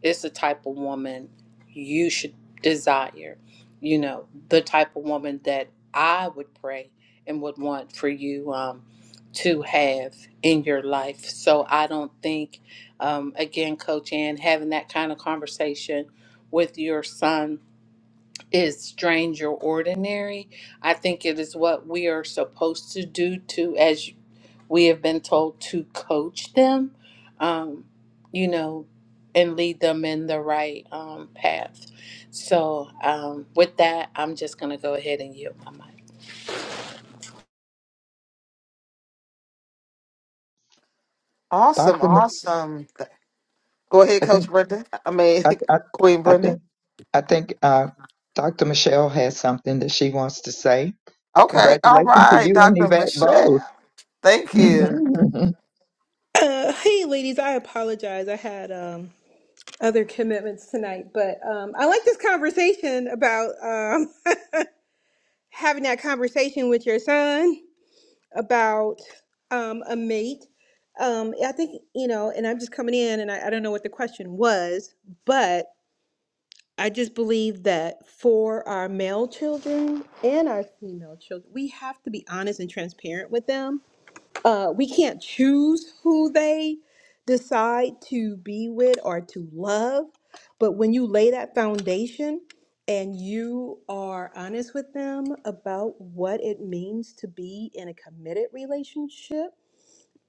E: is the type of woman you should desire. You know, the type of woman that I would pray and would want for you um, to have in your life. So I don't think, um, again, Coach Ann, having that kind of conversation with your son is strange or ordinary. I think it is what we are supposed to do to, as we have been told, to coach them, um, you know, and lead them in the right um, path. So, um, with that, I'm just going to go ahead and yield my mic.
A: Awesome.
C: Dr. Mi-
A: Awesome. Go ahead,
C: I
A: Coach
C: think,
A: Brenda. I mean,
C: I, I,
A: [LAUGHS] Queen
C: I
A: Brenda.
C: think, I think, uh, Dr. Michelle has something that she wants to say.
A: Okay. All
C: Congratulations to
A: right,
C: you and
A: Dr.
C: Yvette
A: Michelle.
C: both.
A: Thank you.
F: [COUGHS] Uh, hey, ladies, I apologize. I had um, other commitments tonight, but um, I like this conversation about um, [LAUGHS] having that conversation with your son about um, a mate. Um, I think, you know, and I'm just coming in and I, I don't know what the question was, but I just believe that for our male children and our female children, we have to be honest and transparent with them uh, we can't choose who they decide to be with or to love. But when you lay that foundation and you are honest with them about what it means to be in a committed relationship,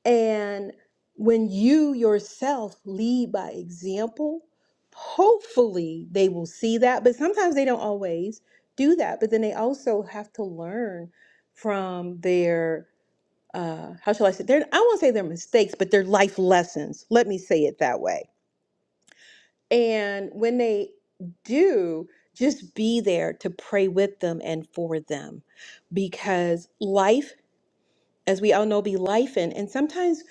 F: and when you yourself lead by example, hopefully they will see that. But sometimes they don't always do that. But then they also have to learn from their uh, how shall I say? They're I won't say they're mistakes, but they're life lessons. Let me say it that way. And when they do, just be there to pray with them and for them, because life, as we all know, be life, and and sometimes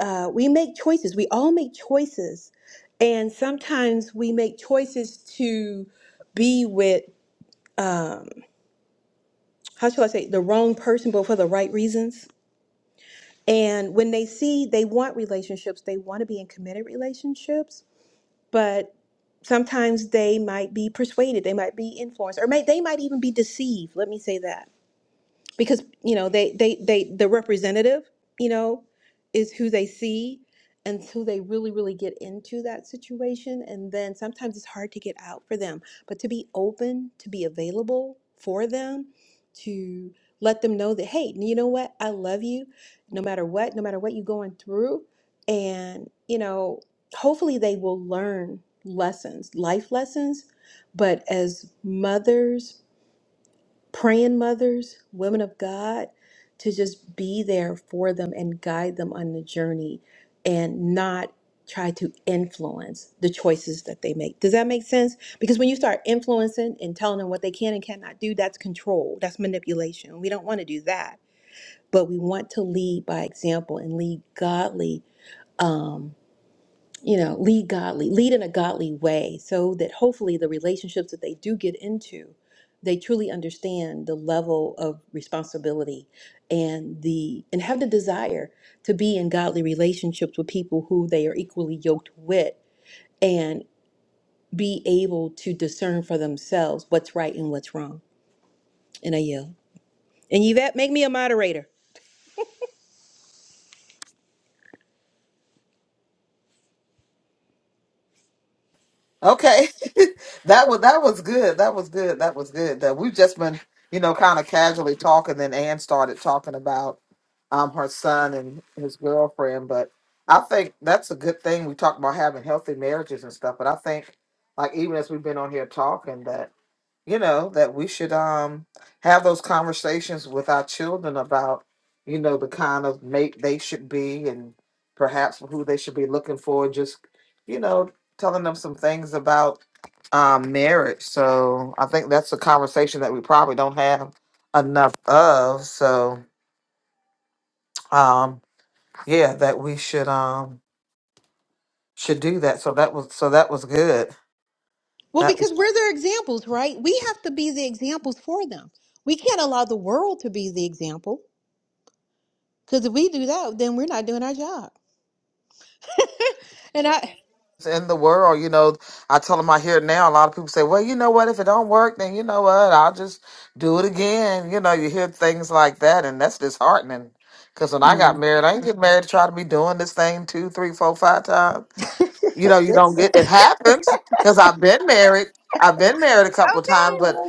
F: uh, we make choices. We all make choices, and sometimes we make choices to be with um, how shall I say the wrong person, but for the right reasons And when they see they want relationships, they want to be in committed relationships, but sometimes they might be persuaded, they might be influenced, or may, they might even be deceived. Let me say that because you know they they they the representative you know is who they see and who they really really get into that situation and then sometimes it's hard to get out for them but to be open to be available for them to let them know that hey you know what i love you no matter what no matter what you're going through and you know hopefully they will learn lessons life lessons but as mothers praying mothers, women of God, to just be there for them and guide them on the journey and not try to influence the choices that they make. Does that make sense? Because when you start influencing and telling them what they can and cannot do, that's control, that's manipulation. We don't want to do that, but we want to lead by example and lead godly. um, you know, lead godly, lead in a godly way so that hopefully the relationships that they do get into, they truly understand the level of responsibility and the and have the desire to be in godly relationships with people who they are equally yoked with and be able to discern for themselves what's right and what's wrong. And I yell. And Yvette, make me a moderator.
A: Okay. [LAUGHS] that was that was good. That was good. That was good. That we've just been, you know, kind of casually talking. Then Ann started talking about um her son and his girlfriend. But I think that's a good thing. We talk about having healthy marriages and stuff. But I think like even as we've been on here talking that you know that we should um have those conversations with our children about you know the kind of mate they should be and perhaps who they should be looking for just you know telling them some things about um marriage so i think that's a conversation that we probably don't have enough of so um yeah that we should um should do that so that was so that was good
F: Well,
A: That
F: because we're their examples, right? We have to be the examples for them. We can't allow the world to be the example Because if we do that, then we're not doing our job. And I,
A: in the world, you know, I tell them I hear it now. A lot of people say, well, you know what? If it don't work, then you know what? I'll just do it again. You know, you hear things like that, and that's disheartening. Because when I got
D: Mm.
A: married, I didn't get married to try to be doing this thing two, three, four, five times. You
D: [LAUGHS]
A: know, you don't get it happens because I've been married. I've been married a couple of
F: Okay.
A: times, but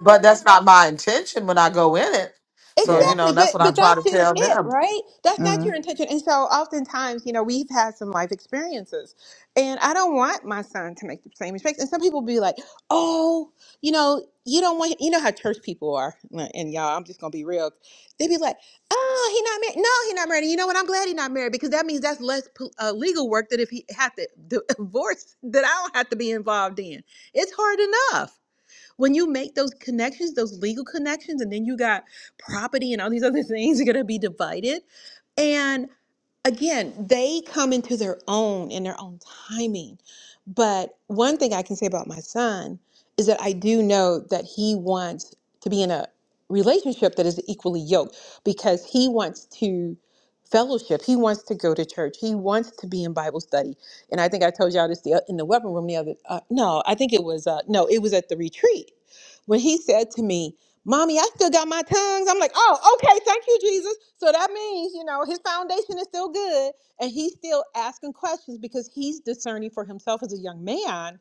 A: but that's not my intention when I go in it. So
D: yeah.
A: you know,
F: Exactly,
A: and that's
F: but
A: what I
F: but
A: try to
F: that's just
A: tell
F: it,
A: them.
F: right? That's
D: mm-hmm.
F: not your intention. And so oftentimes, you know, we've had some life experiences. And I don't want my son to make the same mistakes. And some people be like, "Oh, you know, you don't want you know how church people are." And y'all, I'm just going to be real. They be like, "Oh, he not married. No, he not married. You know what? I'm glad he not married because that means that's less pol- uh, legal work that if he had to d- [LAUGHS] divorce that I don't have to be involved in. It's hard enough." When you make those connections, those legal connections, and then you got property and all these other [LAUGHS] things are going to be divided. and again, they come into their own in their own timing. But one thing I can say about my son is that I do know that he wants to be in a relationship that is equally yoked because he wants to fellowship. He wants to go to church. He wants to be in Bible study. And I think I told y'all this the, in the weapon room the other uh, no, I think it was uh, no, it was at the retreat when he said to me, Mommy, I still got my tongues. I'm like, oh, okay, thank you, Jesus. So that means, you know, his foundation is still good and he's still asking questions because he's discerning for himself as a young man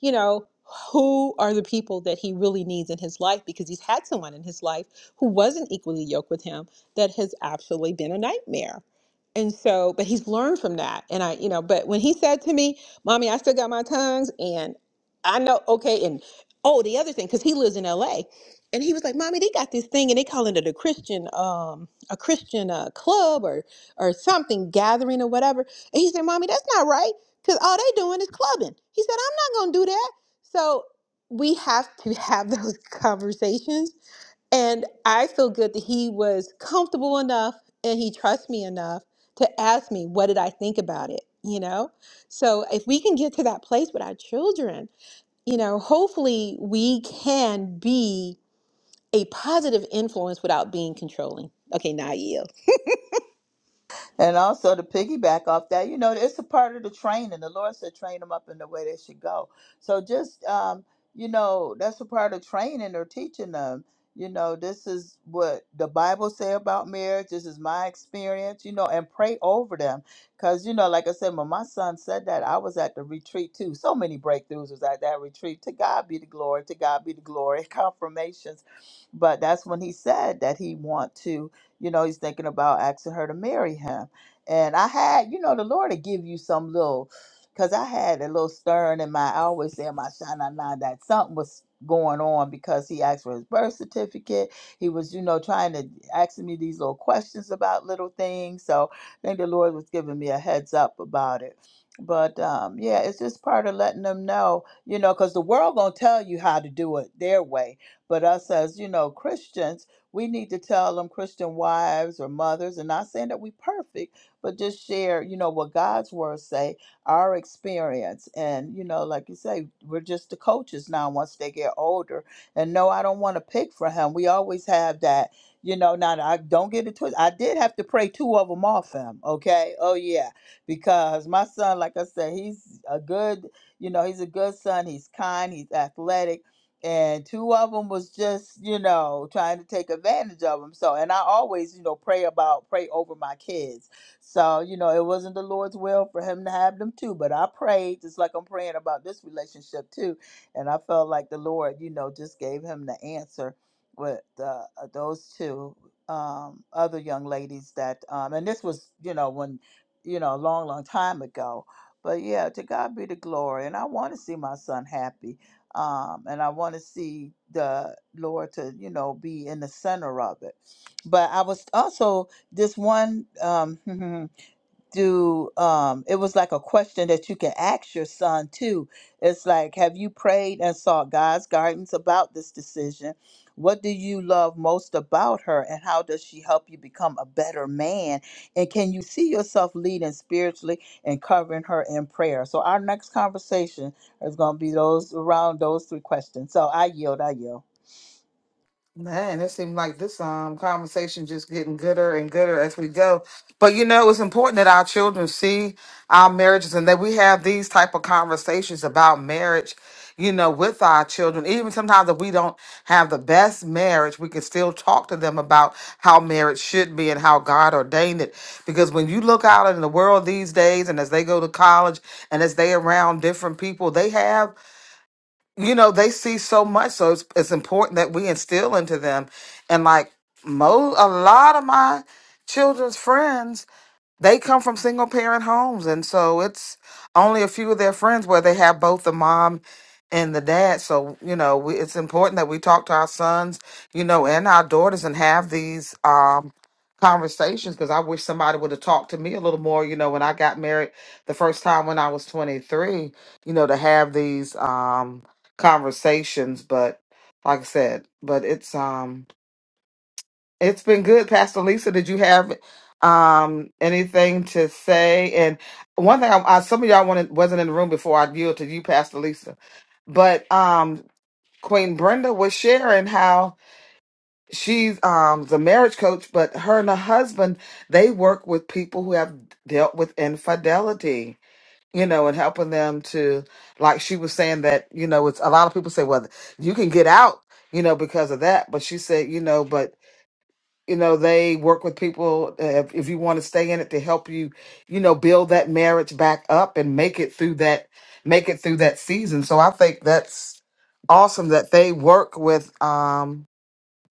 F: you know, who are the people that he really needs in his life because he's had someone in his life who wasn't equally yoked with him that has absolutely been a nightmare. And so, but he's learned from that. And I, you know, but when he said to me, Mommy, I still got my tongues, and I know, okay, and oh, the other thing, because he lives in LA. And he was like, Mommy, they got this thing and they calling it a Christian, um, a Christian uh, club or or something, gathering or whatever. And he said, Mommy, that's not right. Because all they doing is clubbing. He said, gonna do that. So we have [LAUGHS] to have those [LAUGHS] conversations. And I feel good that he was comfortable enough and he trusts me enough to ask me, what did I think about it? You know? So if we can get to that place with our children, you know, hopefully we can be a positive influence without being controlling. Okay, now I yield.
D: And also to piggyback off that, you know, it's a part of the training. The Lord said, train them up in the way they should go. So just, um, you know, that's a part of training or teaching them. You know, this is what the Bible say about marriage. This is my experience, you know, and pray over them. Because, you know, like I said, when my son said that, I was at the retreat too. So many breakthroughs was at that retreat. To God be the glory. To God be the glory. [LAUGHS] Confirmations. But that's when he said that he want to, you know, he's thinking about asking her to marry him and I had, you know, the Lord will give you some little, because I had a little stirring in my, I always say in my shana na that something was going on because he asked for his birth certificate. He was, you know, trying to ask me these little questions about little things. So I think the Lord was giving me a heads up about it. But um, yeah, it's just part of letting them know, you know, because the world gonna tell you how to do it their way. But us as, you know, Christians, we need to tell them Christian wives or mothers, and not saying that we perfect but just share, you know, what God's word say, our experience. And, you know, like you say, we're just the coaches now once they get older. And no, I don't want to pick for him. We always have that, you know, now I don't get it twisted. I did have to pray two of them off him. Okay. Oh yeah. Because my son, like I said, he's a good, you know, he's a good son. He's kind, he's athletic and two of them was just you know trying to take advantage of him. so and i always you know pray about pray over my kids so, you know, it wasn't the Lord's will for him to have them too. But I prayed, just like I'm praying about this relationship too. And I felt like the Lord, you know, just gave him the answer with uh, uh, those two um, other young ladies that, um, and this was, you know, when, you know, a long, long time ago. But yeah, to God be the glory. And I want to see my son happy. Um, and I want to see the Lord to, you know, be in the center of it. But I was also this one um [LAUGHS] do um it was like a question that you can ask your son too it's like have you prayed and sought god's guidance about this decision what do you love most about her and how does she help you become a better man and can you see yourself leading spiritually and covering her in prayer so our next conversation is going to be those around those three questions so i yield i yield
A: Man, it seems like this um conversation just getting gooder and gooder as we go. But you know, it's important that our children see our marriages and that we have these type of conversations about marriage, you know, with our children. Even sometimes if we don't have the best marriage, we can still talk to them about how marriage should be and how God ordained it. Because when you look out in the world these days and as they go to college and as they around different people, they have you know they see so much so it's, it's important that we instill into them and like mo a lot of my children's friends they come from single parent homes and so it's only a few of their friends where they have both the mom and the dad so you know we, it's important that we talk to our sons you know and our daughters and have these um conversations because i wish somebody would have talked to me a little more you know when i got married the first time when i was 23 you know to have these um conversations but like i said but it's um it's been good, Pastor Lisa. Did you have um anything to say? And one thing, I, I, some of y'all wanted, wasn't in the room before. I yield to you, Pastor Lisa. But um, Queen Brenda was sharing how she's um the marriage coach, but her and her husband they work with people who have dealt with infidelity. You know, and helping them to, like she was saying that, you know, it's a lot of people say, well, you can get out, you know, because of that. But she said, you know, but you know they work with people uh, if, if you want to stay in it to help you you know build that marriage back up and make it through that make it through that season so i think that's awesome that they work with um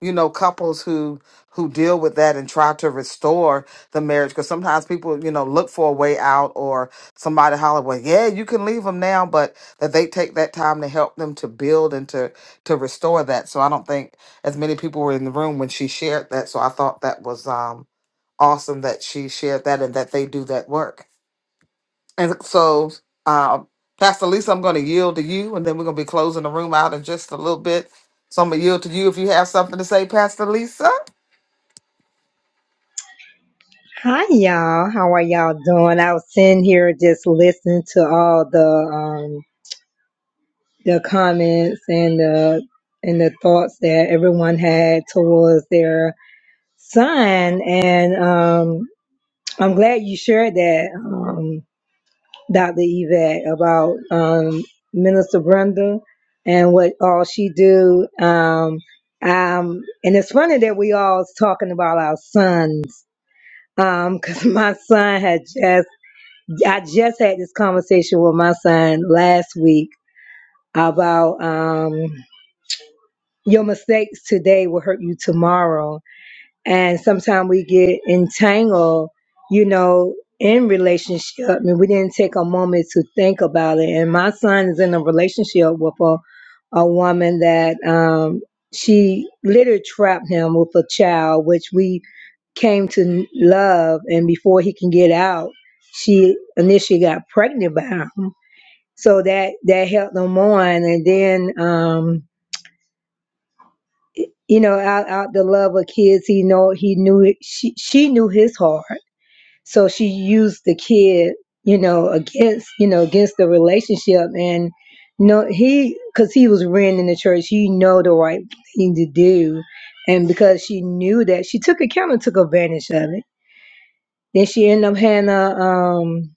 A: you know couples who who deal with that and try to restore the marriage because sometimes people you know look for a way out or somebody holler well yeah you can leave them now but that they take that time to help them to build and to to restore that so i don't think as many people were in the room when she shared that so i thought that was um awesome that she shared that and that they do that work and so uh, pastor lisa i'm going to yield to you and then we're going to be closing the room out in just a little bit so I'm gonna yield to you if you have something to say, Pastor Lisa.
G: Hi y'all, how are y'all doing? I was sitting here just listening to all the um the comments and the and the thoughts that everyone had towards their son, and um I'm glad you shared that, um, Dr. Yvette, about um Minister Brenda and what all she do. Um, um, and it's funny that we all talking about our sons, um, because [LAUGHS] my son had just I just had this conversation with my son last week about um, your mistakes today will hurt you tomorrow. And sometimes we get entangled, you know, in relationship and we didn't take a moment to think about it. And my son is in a relationship with a, a woman that um, she literally trapped him with a child, which we came to n- love. And before he can get out, she initially got pregnant by him so that that helped him on and then um you know out out the love of kids he know he knew it, she she knew his heart so she used the kid you know against you know against the relationship and no he because he was ran in the church he know the right thing to do and because she knew that she took account and took advantage of it then she ended up having a um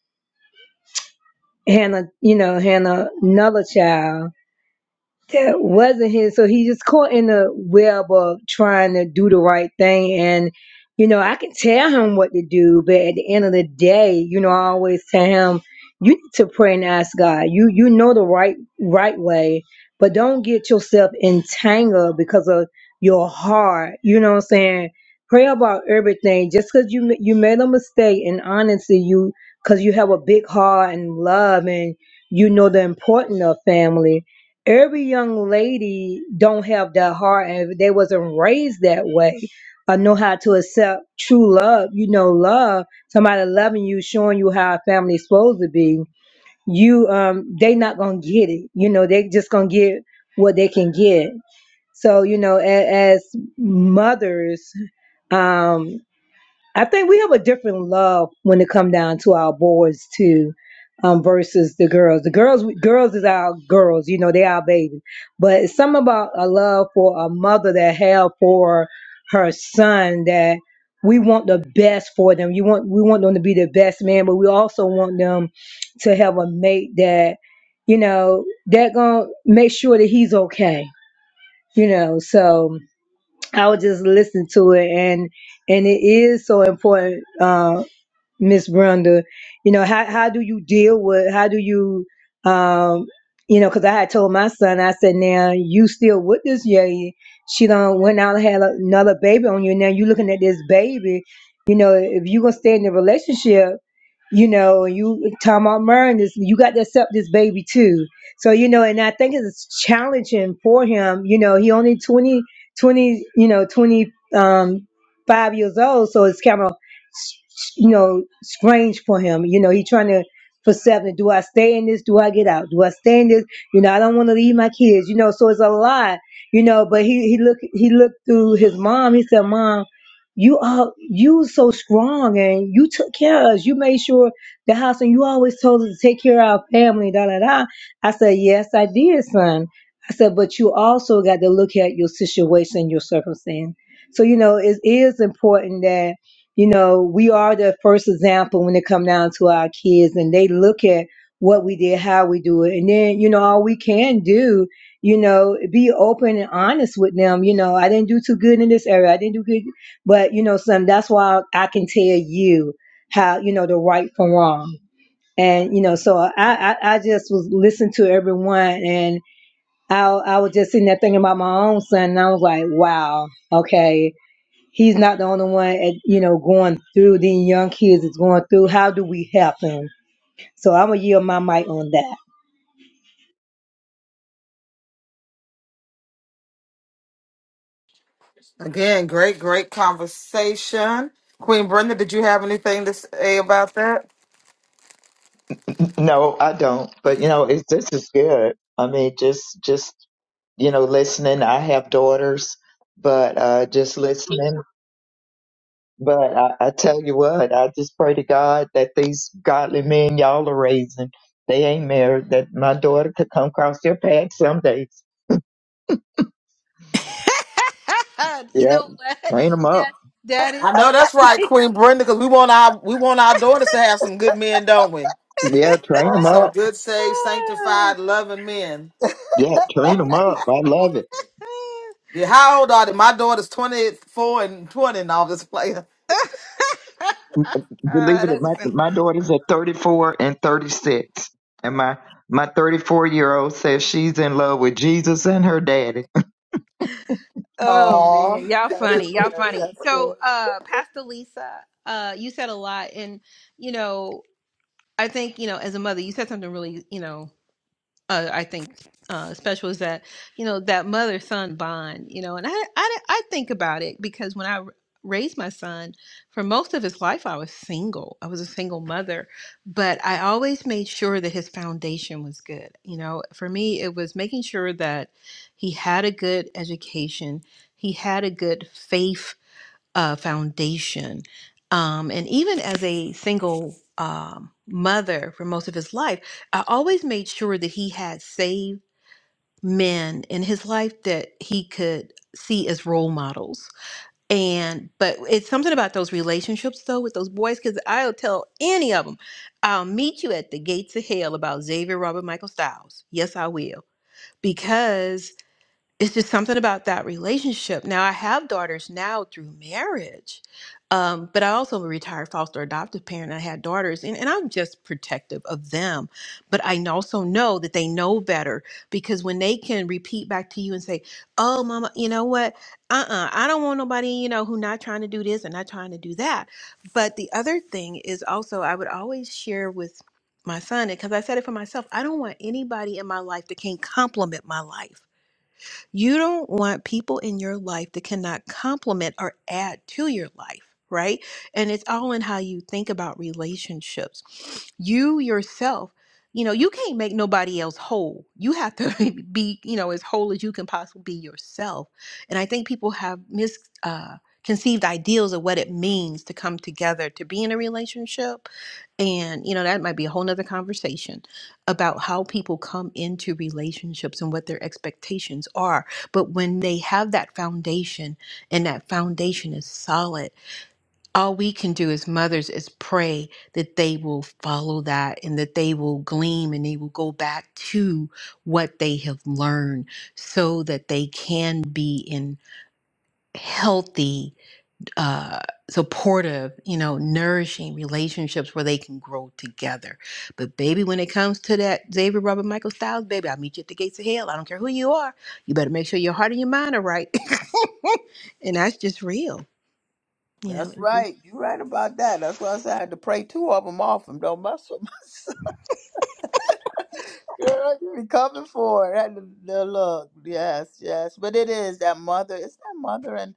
G: hannah you know hannah another child that wasn't his. So he just caught in the web of trying to do the right thing. And, you know, I can tell him what to do, but at the end of the day, you know, I always tell him, you need to pray and ask God. You you know the right right way, but don't get yourself entangled because of your heart. You know what I'm saying? Pray about everything. Just because you ma- you made a mistake, and honestly, you because you have a big heart and love, and you know the importance of family every young lady don't have that heart and if they wasn't raised that way or know how to accept true love you know love somebody loving you showing you how a family's supposed to be you um they not gonna get it you know they just gonna get what they can get so you know as, as mothers um, I think we have a different love when it come down to our boys too, um, versus the girls. The girls, girls is our girls, you know, they our baby. But it's something about a love for a mother that have for her son that we want the best for them. You want we want them to be the best man, but we also want them to have a mate that, you know, that gonna make sure that he's okay. You know, so I would just listen to it, and and it is so important. Um, Miss Brenda, you know, how how do you deal with how do you um you know, because I had told my son, I said, now you still with this lady. She done went out and had another baby on you. and Now you looking at this baby. You know, if you going to stay in the relationship, you know, and you talking about marrying this, you got to accept this baby too. So, you know, and I think it's challenging for him. You know, he only 20 20 you know, 20, um, five years old. So it's kind of you know, strange for him. You know, he trying to for seven. Do I stay in this? Do I get out? Do I stay in this? You know, I don't want to leave my kids. You know, so it's a lot. You know, but he he look he looked through his mom. He said, "Mom, you are you so strong, and you took care of us. You made sure the house, and you always told us to take care of our family." Da da da. I said, "Yes, I did, son." I said, "But you also got to look at your situation, your circumstance." So you know, it is important that you know, we are the first example when it come down to our kids and they look at what we did, how we do it. And then, you know, all we can do, you know, be open and honest with them. You know, I didn't do too good in this area. I didn't do good. But, you know, some that's why I can tell you how, you know, the right from wrong. And, you know, so I, I, I just was listening to everyone and I, I was just sitting there thinking about my own son and I was like, wow, okay He's not the only one, at, you know, going through these young kids is going through. How do we help them? So I'm gonna yield my mic on that.
A: Again, great, great conversation. Queen Brenda, did you have anything to say about that?
C: [LAUGHS] no, I don't. But you know, it's this is good. I mean, just just you know, listening. I have daughters, but uh, just listening. But I, I tell you what, I just pray to God that these godly men y'all are raising, they ain't married, that my daughter could come across their path some days.
F: [LAUGHS] you
C: Yeah,
F: know what? [LAUGHS]
C: train 'em up.
F: That that is
A: I know that's right, Queen Brenda, because we want our we want our daughters to have some good men, don't we?
C: Yeah, train 'em
A: Some
C: up.
A: good, saved, sanctified, loving men.
C: Yeah, train 'em up. I love it.
F: [LAUGHS]
A: Yeah, how old are they? My daughter's twenty four and twenty now. This player.
F: [LAUGHS] Ah,
C: believe it, my
F: that's
C: my daughters are 34 and 36, and my my 34 year old says she's in love with Jesus and her daddy.
F: Oh
A: Oh
F: man, y'all
D: that's
F: funny,
C: [LAUGHS]
F: y'all
D: good that's
F: funny.
D: good
F: So, uh, Pastor Lisa, uh, you said a lot, and you know, I think you know, as a mother, you said something really, you know uh, I think uh, special is that you know that mother son bond. You know, and I, I I think about it because when I r- raised my son, for most of his life I was single. I was a single mother, but I always made sure that his foundation was good. You know, for me it was making sure that he had a good education. He had a good faith uh, foundation. Um, and even as a single um, mother for most of his life, I always made sure that he had saved men in his life that he could see as role models. And but it's something about those relationships though with those boys because I'll tell any of them, I'll meet you at the gates of hell about Xavier Robert Michael Styles. Yes, I will because it's just something about that relationship. Now I have daughters now through marriage, um, but I also am a retired foster adoptive parent. I had daughters, and, and I'm just protective of them, but I n- also know that they know better because when they can repeat back to you and say, "Oh, mama, you know what? Uh-uh, I don't want nobody, you know, who not trying to do this and not trying to do that." But the other thing is also I would always share with my son because I said it for myself. I don't want anybody in my life that can't compliment my life. You don't want people in your life that cannot complement or add to your life, right? And it's all in how you think about relationships. You yourself, you know, you can't make nobody else whole. You have to [LAUGHS] be, you know, as whole as you can possibly be yourself. And I think people have misconceived uh, conceived ideals of what it means to come together to be in a relationship and you know that might be a whole nother conversation about how people come into relationships and what their expectations are but when they have that foundation and that foundation is solid all we can do as mothers is pray that they will follow that and that they will gleam and they will go back to what they have learned so that they can be in healthy uh, supportive, you know, nourishing relationships where they can grow together. But baby, when it comes to that Xavier Robert Michael Styles, baby, I'll meet you at the gates of hell. I don't care who you are. You better make sure your heart and your mind are right. [LAUGHS] and that's just real, you know.
D: That's
F: it's real.
D: right. you right about that. That's why I said I had to pray two of them off them. Don't mess with myself. [LAUGHS] Girl, you be coming for it. Had to- the look. Yes, yes. But it is that mother. It's that mother and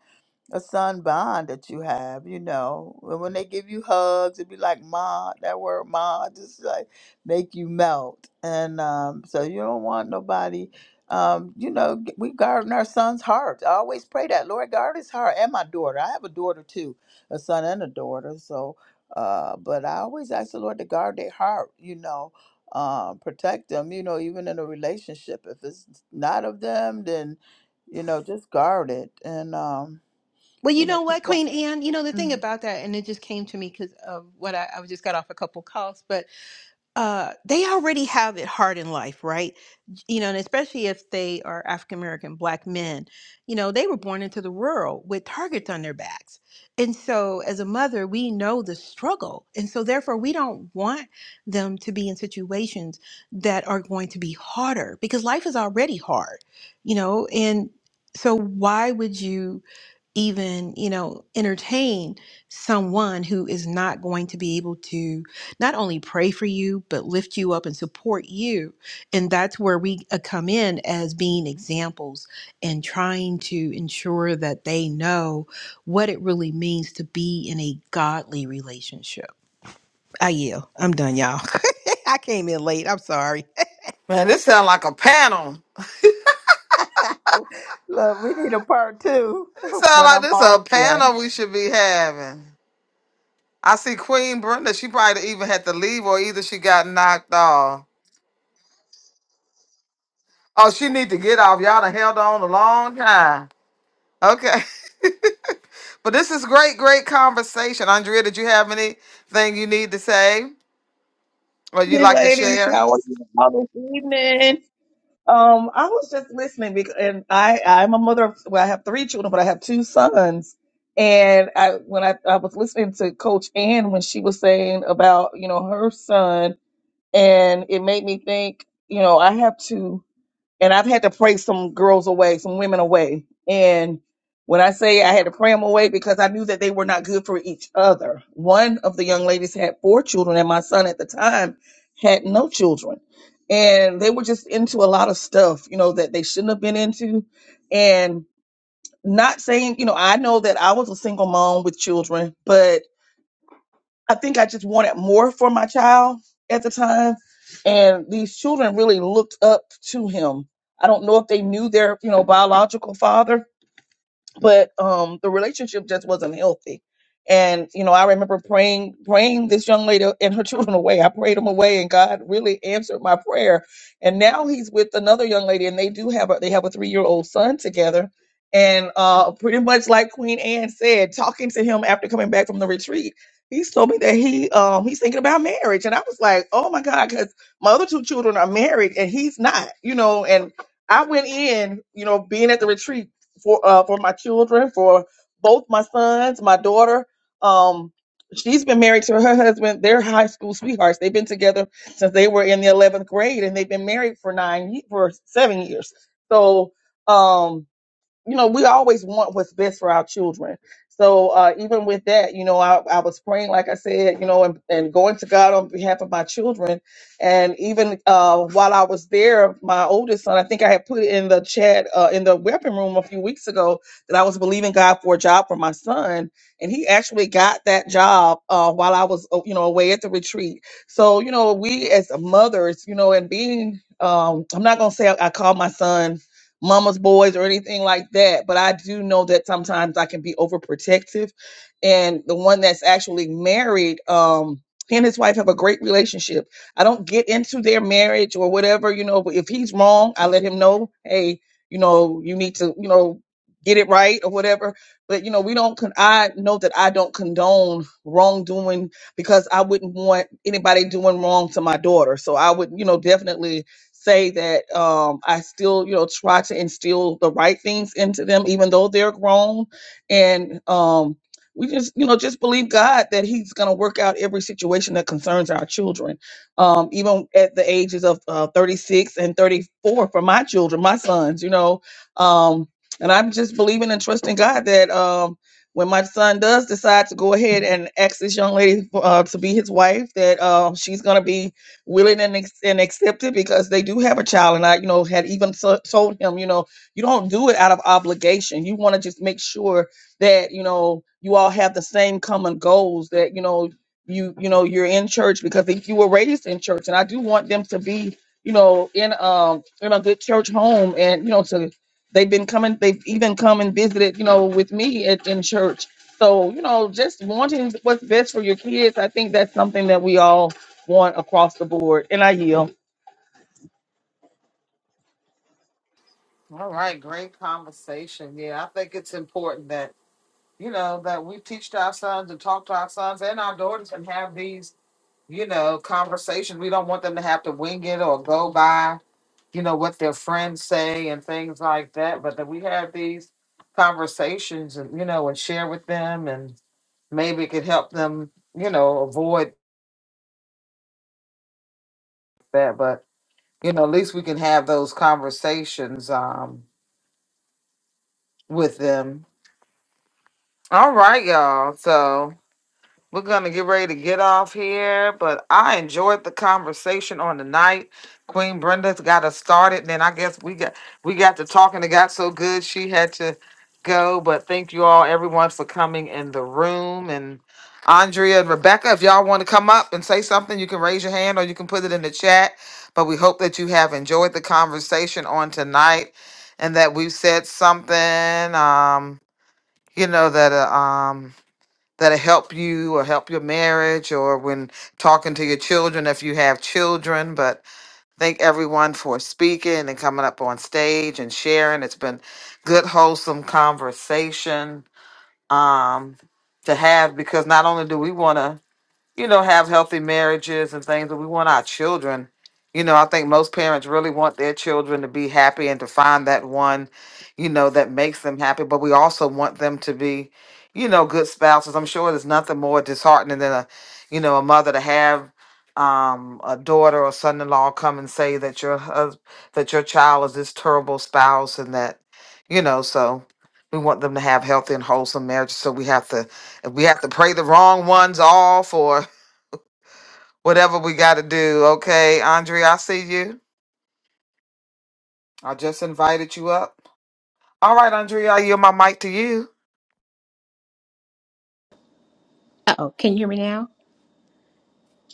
D: a son bond that you have, you know. And when they give you hugs, it'd be like ma, that word ma just like make you melt. And um, so you don't want nobody um, you know, g- we garden our son's heart. I always pray that. Lord guard his heart and my daughter. I have a daughter too, a son and a daughter. So uh, but I always ask the Lord to guard their heart, you know, um, protect them, you know, even in a relationship. If it's not of them, then you know, just guard it. And um
F: Well,
D: you
F: you
D: know
F: know what,
D: what?
F: Queen Anne, you know the thing
D: Mhm.
F: about that, and it just came to me because of what I, I was just got off a couple calls, but uh they already have it hard in life right you know and especially if they are african american black men you know they were born into the world with targets on their backs and so as a mother we know the struggle and so therefore we don't want them to be in situations that are going to be harder because life is already hard you know and so why would you even you know entertain someone who is not going to be able to not only pray for you but lift you up and support you and that's where we uh, come in as being examples and trying to ensure that they know what it really means to be in a godly relationship i yield i'm done y'all [LAUGHS] i came in late i'm sorry
A: man, this sounds like a panel.
D: Oh, look, [LAUGHS] we need a part two
A: It
D: [LAUGHS]
A: sounds
D: when
A: like
D: I'm
A: this
D: off
A: a
D: again.
A: panel we should be having. I see Queen Brenda. She probably even had to leave, or either she got knocked off. Oh, she need to get off. Y'all done held on a long time. Okay. [LAUGHS] But this is great, great conversation. Andrea, did you have anything you need to say or you'd
H: evening,
A: like to
H: ladies.
A: share?
H: How are you all this evening? Um, I was just listening because, and I, I'm a mother of, well, I have three children, but I have two sons. And I, when I, I was listening to Coach Ann when she was saying about, you know, her son, and it made me think, you know, I have two and I've had to pray some girls away, some women away. And when I say I had to pray them away because I knew that they were not good for each other. One of the young ladies had four children, and my son at the time had no children. And they were just into a lot of stuff, you know, that they shouldn't have been into. And not saying, you know, I know that I was a single mom with children, but I think I just wanted more for my child at the time. And these children really looked up to him. I don't know if they knew their, you know, biological father, but um the relationship just wasn't healthy and you know i remember praying praying this young lady and her [LAUGHS] children away i prayed them away and god really answered my prayer and now he's with another young lady and they do have a they have a three year old son together and uh pretty much like queen anne said talking to him after coming back from the retreat he's told me that he um he's thinking about marriage and i was like oh my god because my other two children are married and he's not you know and I went in, you know, being at the retreat for uh, for my children, for both my sons, my daughter. Um, she's been married to her husband. They're high school sweethearts. They've been together since they were in the eleventh grade, and they've been married for nine ye- for seven years. So. Um, you know, we always want what's best for our children. So uh, even with that, you know, I, I was praying, like I said, you know, and, and going to God on behalf of my children. And even uh, while I was there, my oldest son, I think I had put it in the chat uh, in the weapon room a few weeks ago that I was believing God for a job for my son, and he actually got that job uh, while I was, uh, you know, away at the retreat. So you know, we as mothers, you know, and being, um, I'm not gonna say I, I call my son mama's boys or anything like that. But I do know that sometimes I can be overprotective. And the one that's actually married, um, he and his wife have a great relationship. I don't get into their marriage or whatever, you know, but if he's wrong, I let him know, hey, you know, you need to, you know, get it right or whatever. But you know, we don't con- I know that I don't condone wrongdoing because I wouldn't want anybody doing wrong to my daughter. So I would, you know, definitely say that um, I still, you know, try to instill the right things into them, even though they're grown. And um, we just, you know, just believe God that He's going to work out every situation that concerns our children. Um, even at the ages of uh, 36 and 34 for my children, my sons, you know. Um, and I'm just believing and trusting God that um, when my son does decide to go ahead and ask this young lady uh, to be his wife, that uh, she's going to be willing and, ex- and accepted because they do have a child. And I, you know, had even so- told him, you know, you don't do it out of obligation. You want to just make sure that, you know, you all have the same common goals that, you know, you, you know, you're in church because if you were raised in church and I do want them to be, you know, in, um, in a good church home and, you know, to, they've been coming, they've even come and visited, you know, with me at, in church. So, you know, just wanting what's best for your kids, I think that's something that we all want across the board. And I yield.
A: All right, great conversation. Yeah, I think it's important that, you know, that we teach to our sons and talk to our sons and our daughters and have these, you know, conversations. We don't want them to have to wing it or go by, you know, what their friends say and things like that, but that we have these conversations and, you know, and share with them and maybe it could help them, you know, avoid that. But you know, at least we can have those conversations um, with them. All right, y'all. So. We're going to get ready to get off here, but I enjoyed the conversation on the night. Queen Brenda's got us started. Then I guess we got we got to talking. It got so good she had to go. But thank you all, everyone, for coming in the room. And Andrea and Rebecca, if y'all want to come up and say something, you can raise your hand or you can put it in the chat. But we hope that you have enjoyed the conversation on tonight and that we've said something. Um, you know that uh, um that'll help you or help your marriage or when talking to your children if you have children. But thank everyone for speaking and coming up on stage and sharing. It's been good, wholesome conversation um, to have because not only do we want to you know, have healthy marriages and things, but we want our children. You know, I think most parents really want their children to be happy and to find that one, you know, that makes them happy. But we also want them to be, you know, good spouses. I'm sure there's nothing more disheartening than a, you know, a mother to have um a daughter or son-in-law come and say that your husband that your child is this terrible spouse and that you know so we want them to have healthy and wholesome marriages so we have to we have to pray the wrong ones off or whatever we got to do. Okay, Andrea, I see you. I just invited you up. All right, Andrea, I yield my mic to you.
I: Uh-oh, can you hear me now?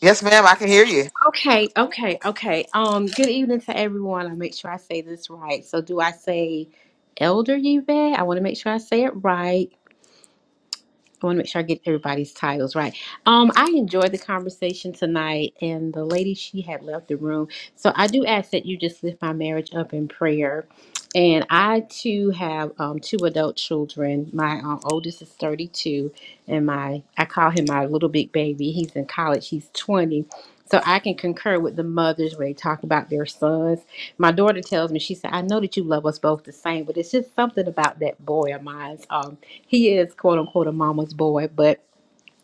A: Yes, ma'am, I can hear you.
I: Okay, okay, okay. Um, good evening to everyone. I make sure I say this right. So do I say Elder Yvette? I want to make sure I say it right. I want to make sure I get everybody's titles right. Um, I enjoyed the conversation tonight, and the lady she had left the room. So I do ask that you just lift my marriage up in prayer. And I too have um, two adult children. My um, oldest is 32, and my I call him my little big baby. He's in college. He's 20. So I can concur with the mothers when they talk about their sons. My daughter tells me she said, "I know that you love us both the same, but it's just something about that boy of mine." he is quote unquote a mama's boy, but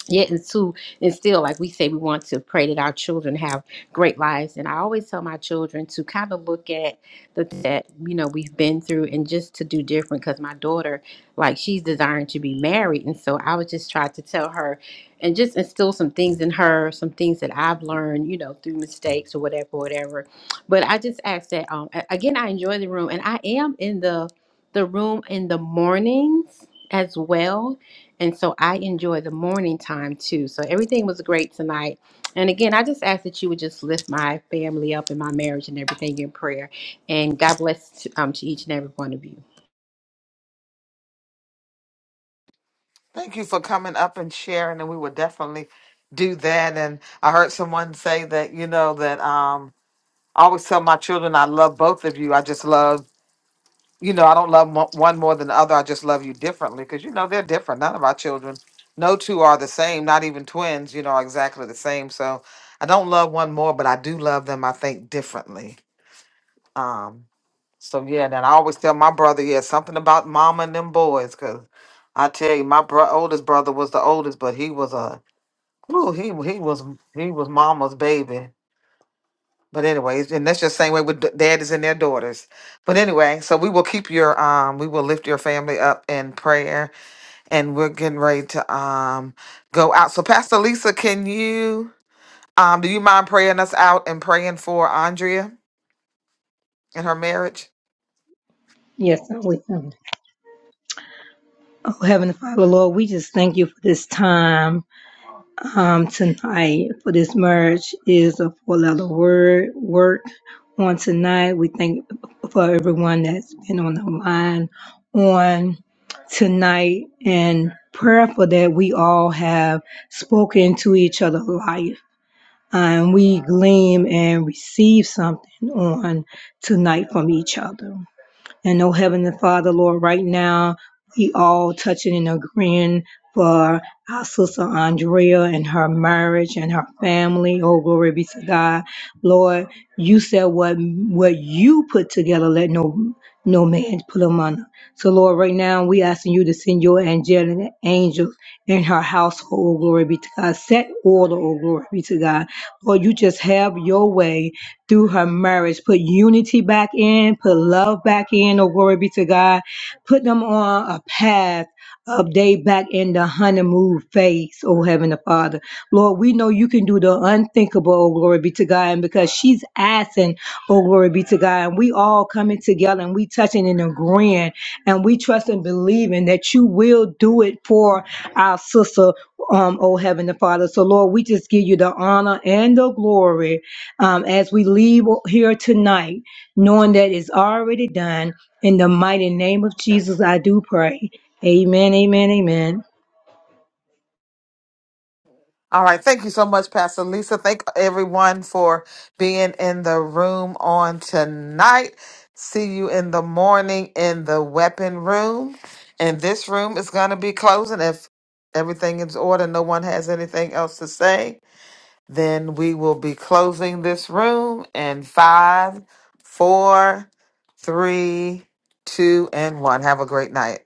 I: yet and to and still like we say we want to pray that our children have great lives and i always tell my children to kind of look at the that you know we've been through and just to do different because my daughter like she's desiring to be married and so i would just try to tell her and just instill some things in her some things that i've learned you know through mistakes or whatever whatever but i just ask that um a- again i enjoy the room and i am in the the room in the mornings as well and so I enjoy the morning time too. So everything was great tonight. And again, I just ask that you would just lift my family up and my marriage and everything in prayer. And God bless to, um, to each and every one of you.
A: Thank you for coming up and sharing, and we will definitely do that. And I heard someone say that you know that um, I always tell my children I love both of you. I just love you know, I don't love mo- one more than the other. I just love you differently because, you know, they're different. None of our children, no two are the same, not even twins, you know, are exactly the same. So I don't love one more, but I do love them, I think, differently. Um, so, yeah, then I always tell my brother, yeah, something about mama and them boys because I tell you, my bro- oldest brother was the oldest, but he was a, ooh, he, he was he was mama's baby. But anyways, and that's just same way with d- daddies and their daughters. But anyway, so we will keep your um, we will lift your family up in prayer, and we're getting ready to um go out. So Pastor Lisa, can you um, do you mind praying us out and praying for Andrea and her marriage?
G: Yes, sir. we- um, Oh, Heavenly Father, Lord, we just thank you for this time. um, tonight for this merge is a four-letter word work on tonight. We thank for everyone that's been on the line on tonight and prayerful that we all have spoken to each other life and we glean and receive something on tonight from each other. And oh, Heavenly Father, Lord, right now, we all touching and agreeing for our sister Andrea and her marriage and her family. Oh, glory be to God. Lord, you said what what you put together, let no no man put them under. So Lord, right now we asking you to send your angelic angels in her household, oh glory be to God. Set order, oh glory be to God. Lord, you just have your way through her marriage. Put unity back in, put love back in, oh glory be to God. Put them on a path of day back in the honeymoon phase, oh Heavenly Father. Lord, we know you can do the unthinkable, oh glory be to God. And because she's asking, oh glory be to God, and we all coming together and we touching and agreeing and we trust and believing that you will do it for our sister, um, oh Heavenly Father. So Lord, we just give you the honor and the glory um, as we leave here tonight, knowing that it's already done. In the mighty name of Jesus, I do pray. Amen, amen, amen.
A: All right. Thank you so much, Pastor Lisa. Thank everyone for being in the room on tonight. See you in the morning in the weapon room. And this room is going to be closing. If everything is in order, no one has anything else to say, then we will be closing this room in five, four, three, two, and one. Have a great night.